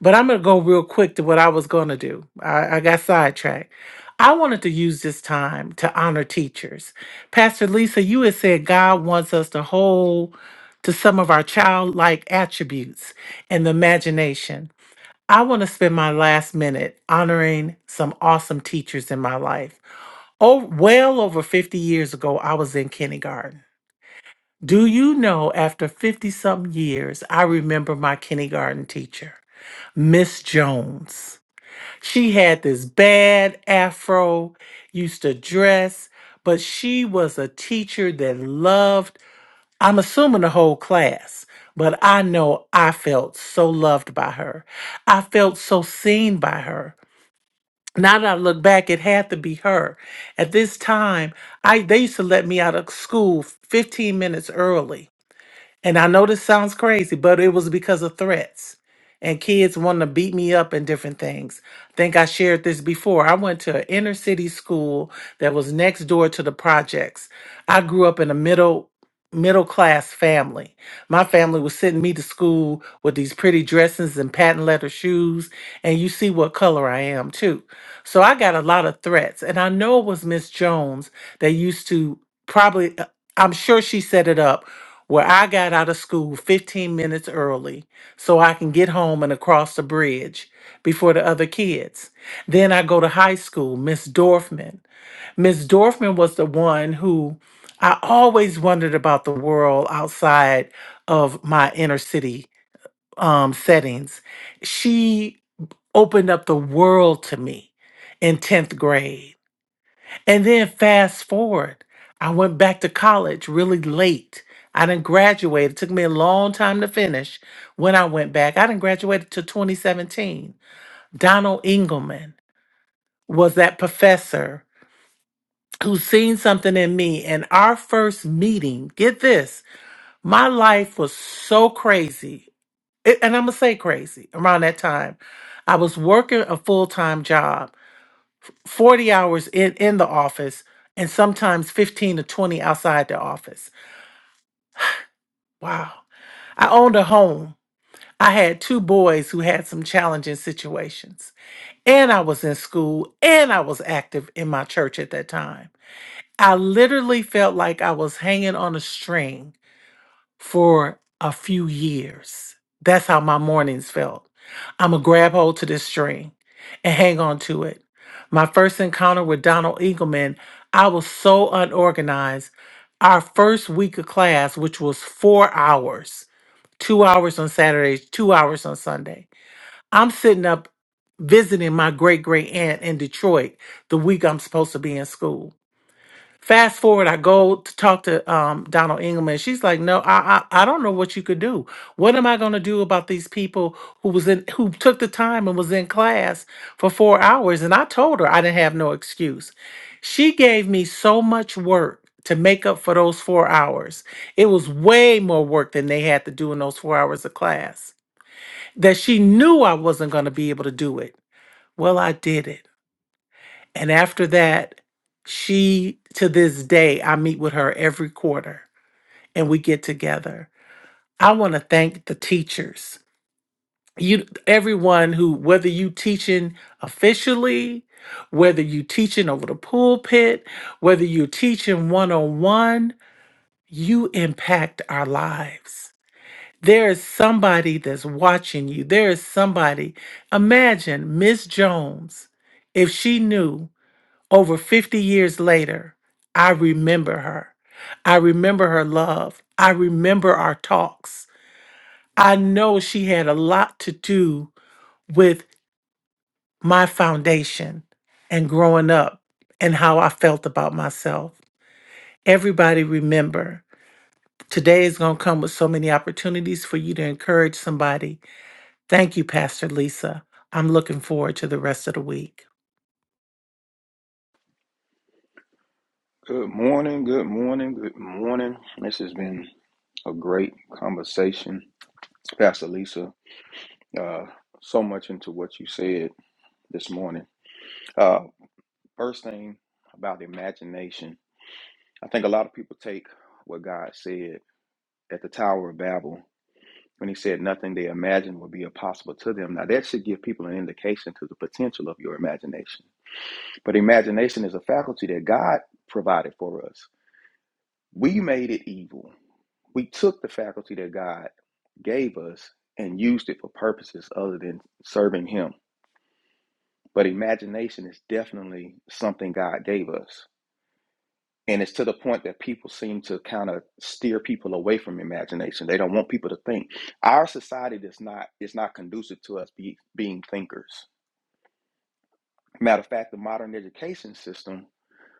But I'm gonna go real quick to what I was gonna do. I, I got sidetracked. I wanted to use this time to honor teachers. Pastor Lisa, you had said God wants us to hold to some of our childlike attributes and the imagination. I want to spend my last minute honoring some awesome teachers in my life. Oh, well over 50 years ago, I was in kindergarten. Do you know, after 50 something years, I remember my kindergarten teacher, Miss Jones. She had this bad afro, used to dress, but she was a teacher that loved, I'm assuming the whole class, but I know I felt so loved by her. I felt so seen by her now that I look back, it had to be her. At this time, I they used to let me out of school 15 minutes early and I know this sounds crazy, but it was because of threats and kids wanting to beat me up and different things. I think I shared this before. I went to an inner city school that was next door to the projects. I grew up in a middle middle class family. My family was sending me to school with these pretty dresses and patent leather shoes, and you see what color I am too. So I got a lot of threats, and I know it was Miss Jones that used to probably I'm sure she set it up where I got out of school 15 minutes early so I can get home and across the bridge before the other kids. Then I go to high school, Miss Dorfman. Miss Dorfman was the one who I always wondered about the world outside of my inner city um, settings. She opened up the world to me in 10th grade. And then fast forward, I went back to college really late. I didn't graduate. It took me a long time to finish when I went back. I didn't graduate till 2017. Donald Engelman was that professor who seen something in me. And our first meeting, get this, my life was so crazy. It- and I'm going to say crazy around that time. I was working a full time job 40 hours in, in the office and sometimes 15 to 20 outside the office. Wow. I owned a home. I had two boys who had some challenging situations. And I was in school and I was active in my church at that time. I literally felt like I was hanging on a string for a few years. That's how my mornings felt. I'm going to grab hold to this string and hang on to it. My first encounter with Donald Eagleman, I was so unorganized. Our first week of class, which was four hours, two hours on Saturdays, two hours on Sunday, I'm sitting up visiting my great great aunt in Detroit the week I'm supposed to be in school. Fast forward, I go to talk to um, Donald Engelman. She's like, "No, I, I I don't know what you could do. What am I going to do about these people who was in who took the time and was in class for four hours?" And I told her I didn't have no excuse. She gave me so much work to make up for those four hours. It was way more work than they had to do in those four hours of class. That she knew I wasn't going to be able to do it. Well, I did it. And after that, she to this day, I meet with her every quarter and we get together. I want to thank the teachers. You everyone who whether you teaching officially, whether you teaching over the pulpit, whether you teaching one-on-one, you impact our lives. There is somebody that's watching you. There is somebody. Imagine Miss Jones if she knew over 50 years later, I remember her. I remember her love. I remember our talks. I know she had a lot to do with my foundation and growing up and how I felt about myself. Everybody remember, today is going to come with so many opportunities for you to encourage somebody. Thank you, Pastor Lisa. I'm looking forward to the rest of the week. good morning, good morning, good morning. This has been a great conversation. Pastor Lisa, uh, so much into what you said this morning. Uh, first thing about imagination, I think a lot of people take what God said at the Tower of Babel when he said nothing they imagined would be impossible to them. Now that should give people an indication to the potential of your imagination But imagination is a faculty that God provided for us. We made it evil. We took the faculty that God gave us and used it for purposes other than serving Him. But imagination is definitely something God gave us. And it's to the point that people seem to kind of steer people away from imagination. They don't want people to think. Our society does not is not conducive to us be, being thinkers. Matter of fact, the modern education system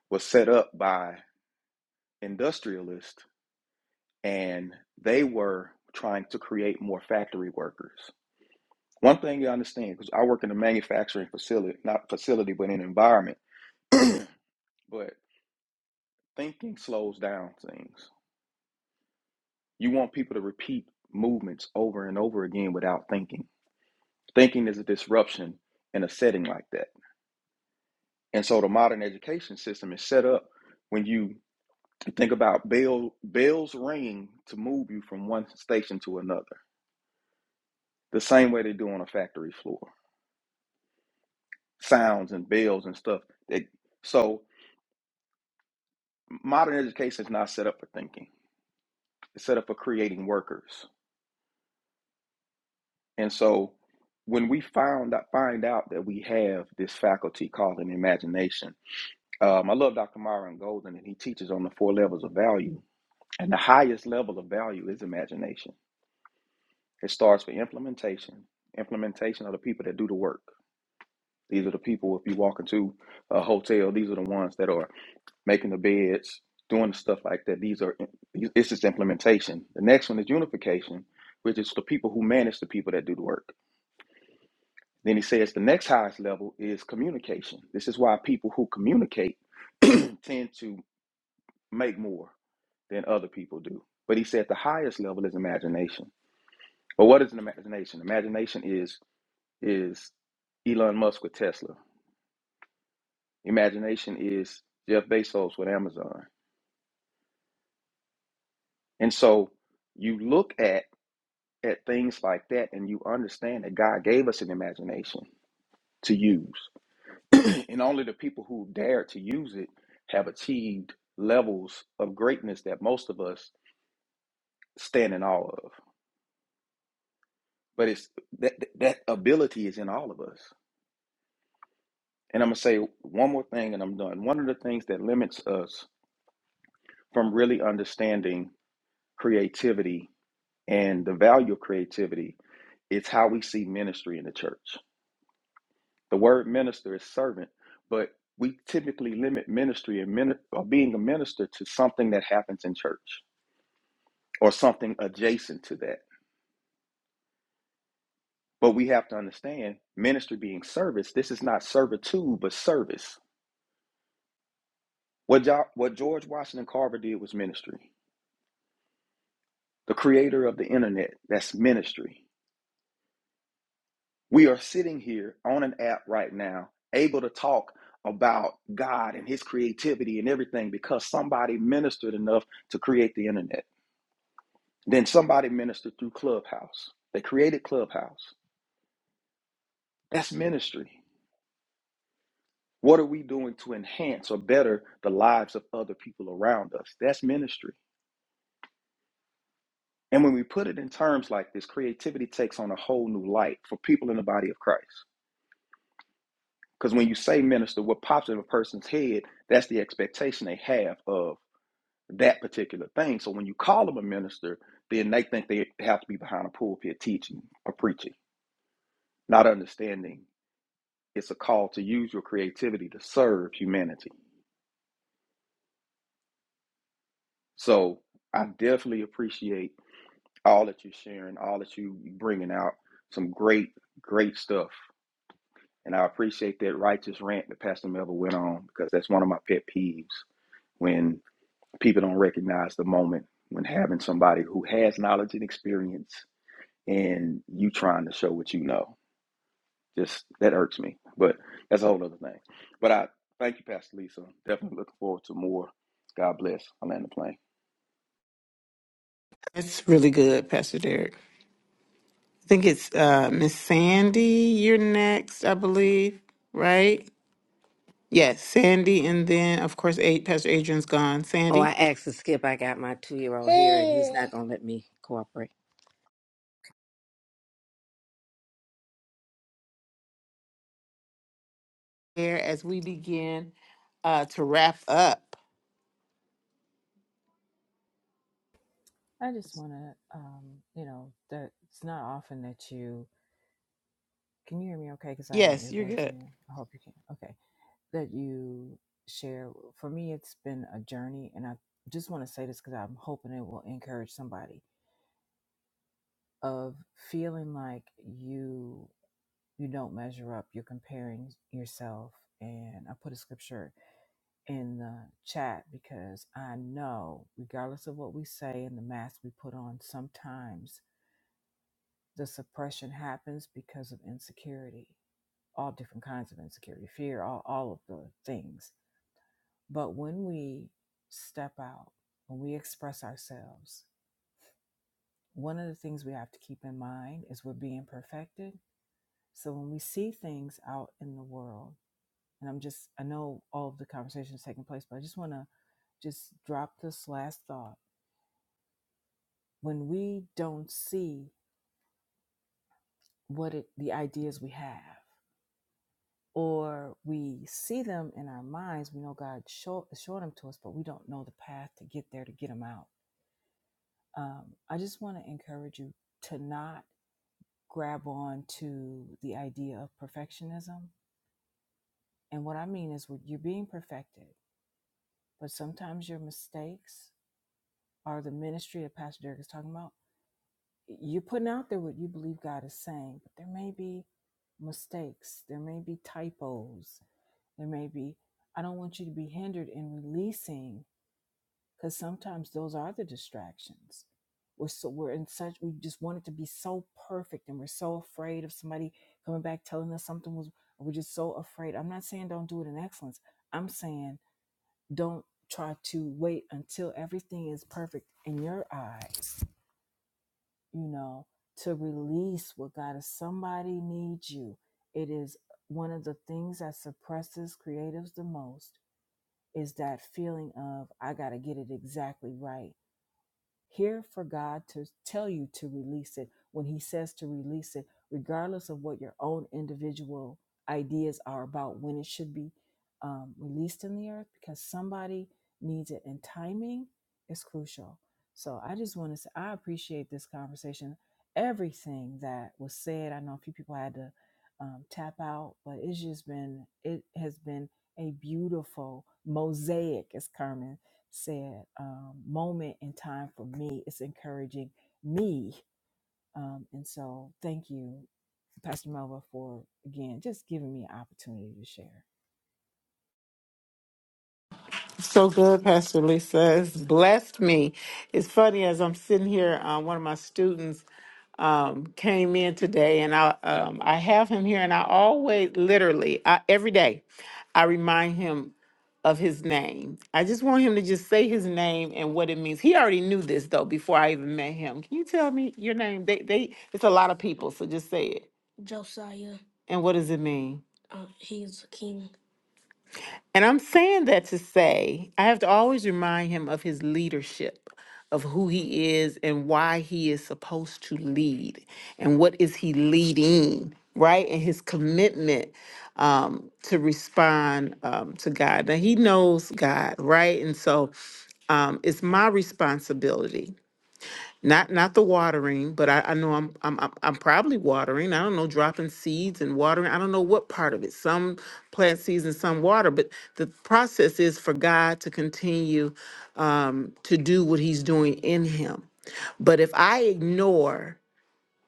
was set up by industrialists and they were trying to create more factory workers. One thing you understand, because I work in a manufacturing facility, not facility, but an environment, but thinking slows down things. You want people to repeat movements over and over again without thinking. Thinking is a disruption in a setting like that. And so the modern education system is set up when you think about bell, bells ringing to move you from one station to another, the same way they do on a factory floor sounds and bells and stuff. That so modern education is not set up for thinking. It's set up for creating workers. And so when we found out, find out that we have this faculty called an imagination, um, I love Dr. Myron Golden, and he teaches on the four levels of value. And the highest level of value is imagination. It starts with implementation. Implementation are the people that do the work. These are the people. If you walk into a hotel, these are the ones that are making the beds, doing the stuff like that. These are it's just implementation. The next one is unification, which is the people who manage the people that do the work. Then he says the next highest level is communication. This is why people who communicate tend to make more than other people do. But he said the highest level is imagination. But what is an imagination? Imagination is is Elon Musk with Tesla. Imagination is Jeff Bezos with Amazon. And so you look at at things like that and you understand that God gave us an imagination to use. and only the people who dared to use it have achieved levels of greatness that most of us stand in awe of. But it's that that ability is in all of us. And I'm going to say one more thing and I'm done. One of the things that limits us from really understanding creativity and the value of creativity is how we see ministry in the church. The word minister is servant, but we typically limit ministry and min- or being a minister to something that happens in church or something adjacent to that. But we have to understand ministry being service. This is not servitude, but service. What, jo- what George Washington Carver did was ministry. The creator of the internet, that's ministry. We are sitting here on an app right now, able to talk about God and his creativity and everything because somebody ministered enough to create the internet. Then somebody ministered through Clubhouse. They created Clubhouse. That's ministry. What are we doing to enhance or better the lives of other people around us? That's ministry. And when we put it in terms like this, creativity takes on a whole new light for people in the body of Christ. Because when you say minister, what pops in a person's head, that's the expectation they have of that particular thing. So when you call them a minister, then they think they have to be behind a pulpit teaching or preaching, not understanding it's a call to use your creativity to serve humanity. So I definitely appreciate all that you're sharing, all that you bringing out. Some great, great stuff. And I appreciate that righteous rant that Pastor Melvin went on because that's one of my pet peeves when people don't recognize the moment when having somebody who has knowledge and experience and you trying to show what you know. Just that irks me, but that's a whole other thing. But I thank you, Pastor Lisa. Definitely looking forward to more. God bless. I'm in the plane. That's really good, Pastor Derek. I think it's uh, Miss Sandy. You're next, I believe. Right? Yes, Sandy, and then of course, eight. Pastor Adrian's gone. Oh, I Sandy, asked to skip. I got my two year old here, and he's not gonna let me cooperate. here as we begin uh, to wrap up. Yes, you're good. know, to So good, Pastor Lisa. It's blessed me. It's funny as I'm sitting here. Uh, one of my students um, came in today, and I um, I have him here, and I always, literally, I, every day, I remind him of his name. I just want him to just say his name and what it means. He already knew this though before I even met him. Can you tell me your name? They they it's a lot of people, so just say it. And what does it mean? And I'm saying that to say, I have to always remind him of his leadership, of who he is and why he is supposed to lead and what is he leading, right? And his commitment um, to respond um, to God. Now, he knows God, right? And so um, it's my responsibility not not the watering, but I, I know I'm I'm I'm I'm probably watering. I don't know dropping seeds and watering. I don't know what part of it. Some plant seeds and some water, but the process is for God to continue um, to do what He's doing in him. But if I ignore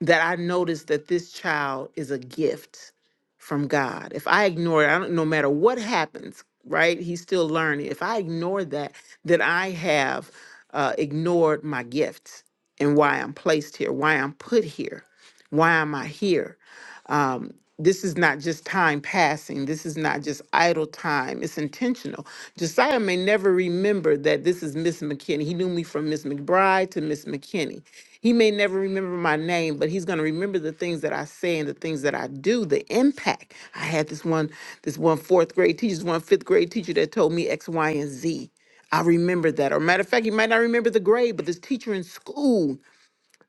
that I notice that this child is a gift from God. If I ignore it, I don't no matter what happens, right? He's still learning. If I ignore that, then I have uh, ignored my gifts and why I'm placed here, why I'm put here, why am I here? Um, this is not just time passing. This is not just idle time. It's intentional. Josiah may never remember that this is Miss McKinney. He knew me from Miss McBride to Miss McKinney. He may never remember my name, but he's going to remember the things that I say and the things that I do, the impact. I had this one, this one fourth grade teacher, this one fifth grade teacher that told me X, Y, and Z. I remember that. Or matter of fact, you might not remember the grade, but this teacher in school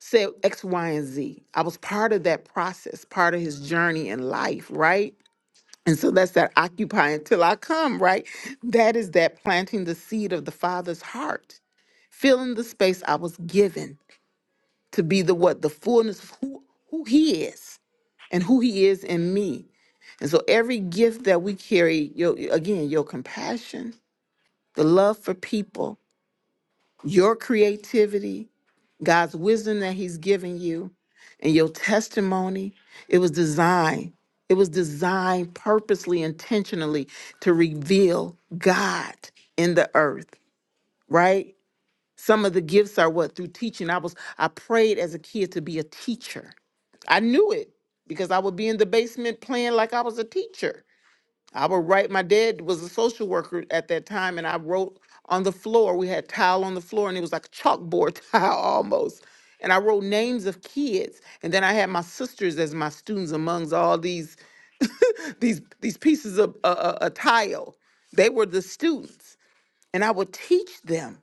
said X, Y, and Z. I was part of that process, part of his journey in life, right? And so that's that occupy until I come, right? That is that planting the seed of the Father's heart, filling the space I was given to be the what? The fullness of who, who he is and who he is in me. And so every gift that we carry, your, again, your compassion, the love for people, your creativity, God's wisdom that He's given you and your testimony, it was designed. It was designed purposely, intentionally to reveal God in the earth, right? Some of the gifts are what through teaching. I was I prayed as a kid to be a teacher. I knew it because I would be in the basement playing like I was a teacher I would write, my dad was a social worker at that time, and I wrote on the floor. We had tile on the floor, and it was like a chalkboard tile almost. And I wrote names of kids, and then I had my sisters as my students amongst all these these these pieces of a uh, uh, uh, tile. They were the students, and I would teach them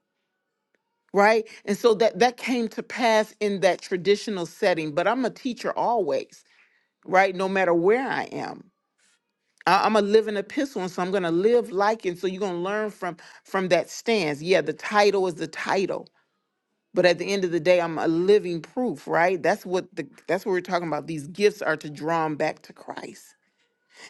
right. And so that that came to pass in that traditional setting. But I'm a teacher always, right? No matter where I am I- I'm a living epistle, and so I'm gonna live like it. So you're gonna learn from from that stance. Yeah, the title is the title, but at the end of the day, I'm a living proof, right? That's what the that's what we're talking about. These gifts are to draw them back to Christ,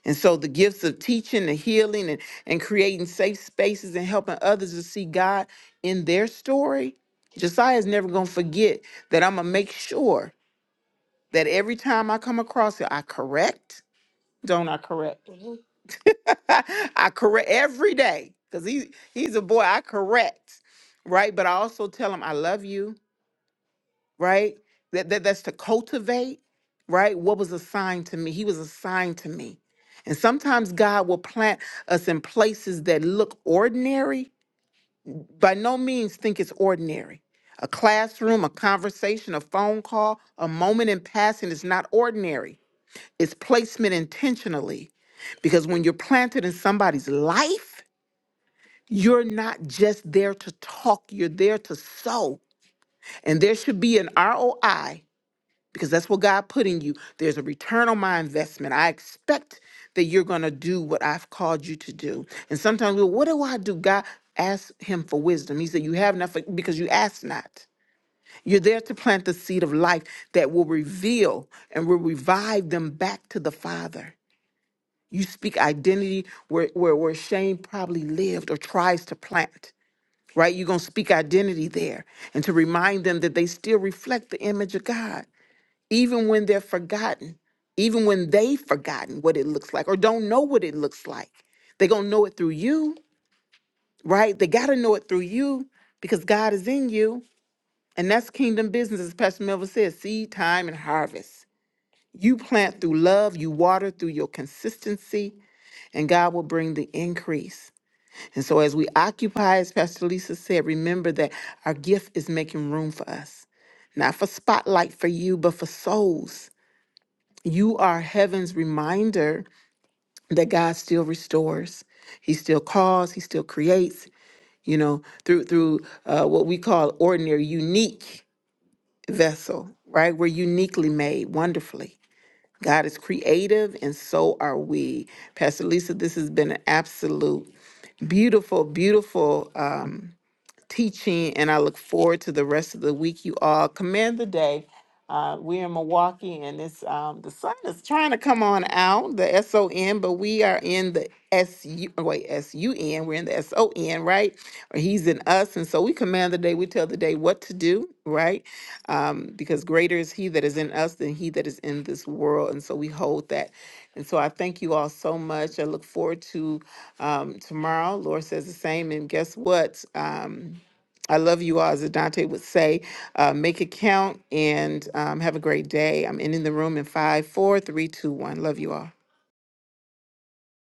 and so the gifts of teaching and healing and and creating safe spaces and helping others to see God in their story. Josiah's never gonna forget that. I'm gonna make sure that every time I come across it, I correct. Don't I correct? I correct every day because he he's a boy. I correct, right? But I also tell him I love you, right? That, that that's to cultivate, right? What was assigned to me? He was assigned to me. And sometimes God will plant us in places that look ordinary. By no means think it's ordinary. A classroom, a conversation, a phone call, a moment in passing is not ordinary. It's placement intentionally. Because when you're planted in somebody's life, You're not just there to talk, you're there to sow. And there should be an ROI because that's what God put in you. There's a return on my investment. I expect that you're going to do what I've called you to do. And sometimes, well, what do I do? God asked him for wisdom. He said, You have not for- because you ask not. You're there to plant the seed of life that will reveal and will revive them back to the Father. You speak identity where, where, where shame probably lived or tries to plant right? You're going to speak identity there and to remind them that they still reflect the image of God, even when they're forgotten, even when they've forgotten what it looks like or don't know what it looks like. They're going to know it through you, right? They got to know it through you because God is in you. And that's kingdom business, as Pastor Melville says seed, time, and harvest. You plant through love, you water through your consistency, and God will bring the increase. And so, as we occupy, as Pastor Lisa said, remember that our gift is making room for us, not for spotlight for you, but for souls. You are heaven's reminder that God still restores. He still calls. He still creates. You know, through through uh, what we call ordinary, unique vessel, right? We're uniquely made, wonderfully. God is creative, and so are we. Pastor Lisa, this has been an absolute beautiful, beautiful. Um, teaching, and I look forward to the rest of the week. You all command the day. Uh, we're in Milwaukee, and it's um, the sun is trying to come on out, the S O N, but we are in the S U wait S U N. We're in the S O N, right? Or He's in us, and so we command the day. We tell the day what to do, right? um, because greater is he that is in us than he that is in this world. And so we hold that. And so I thank you all so much. I look forward to um, tomorrow. Lord says the same. And guess what? Um, I love you all, as Adante would say. Uh, make it count and um, have a great day. I'm ending the room in five, four, three, two, one. Love you all.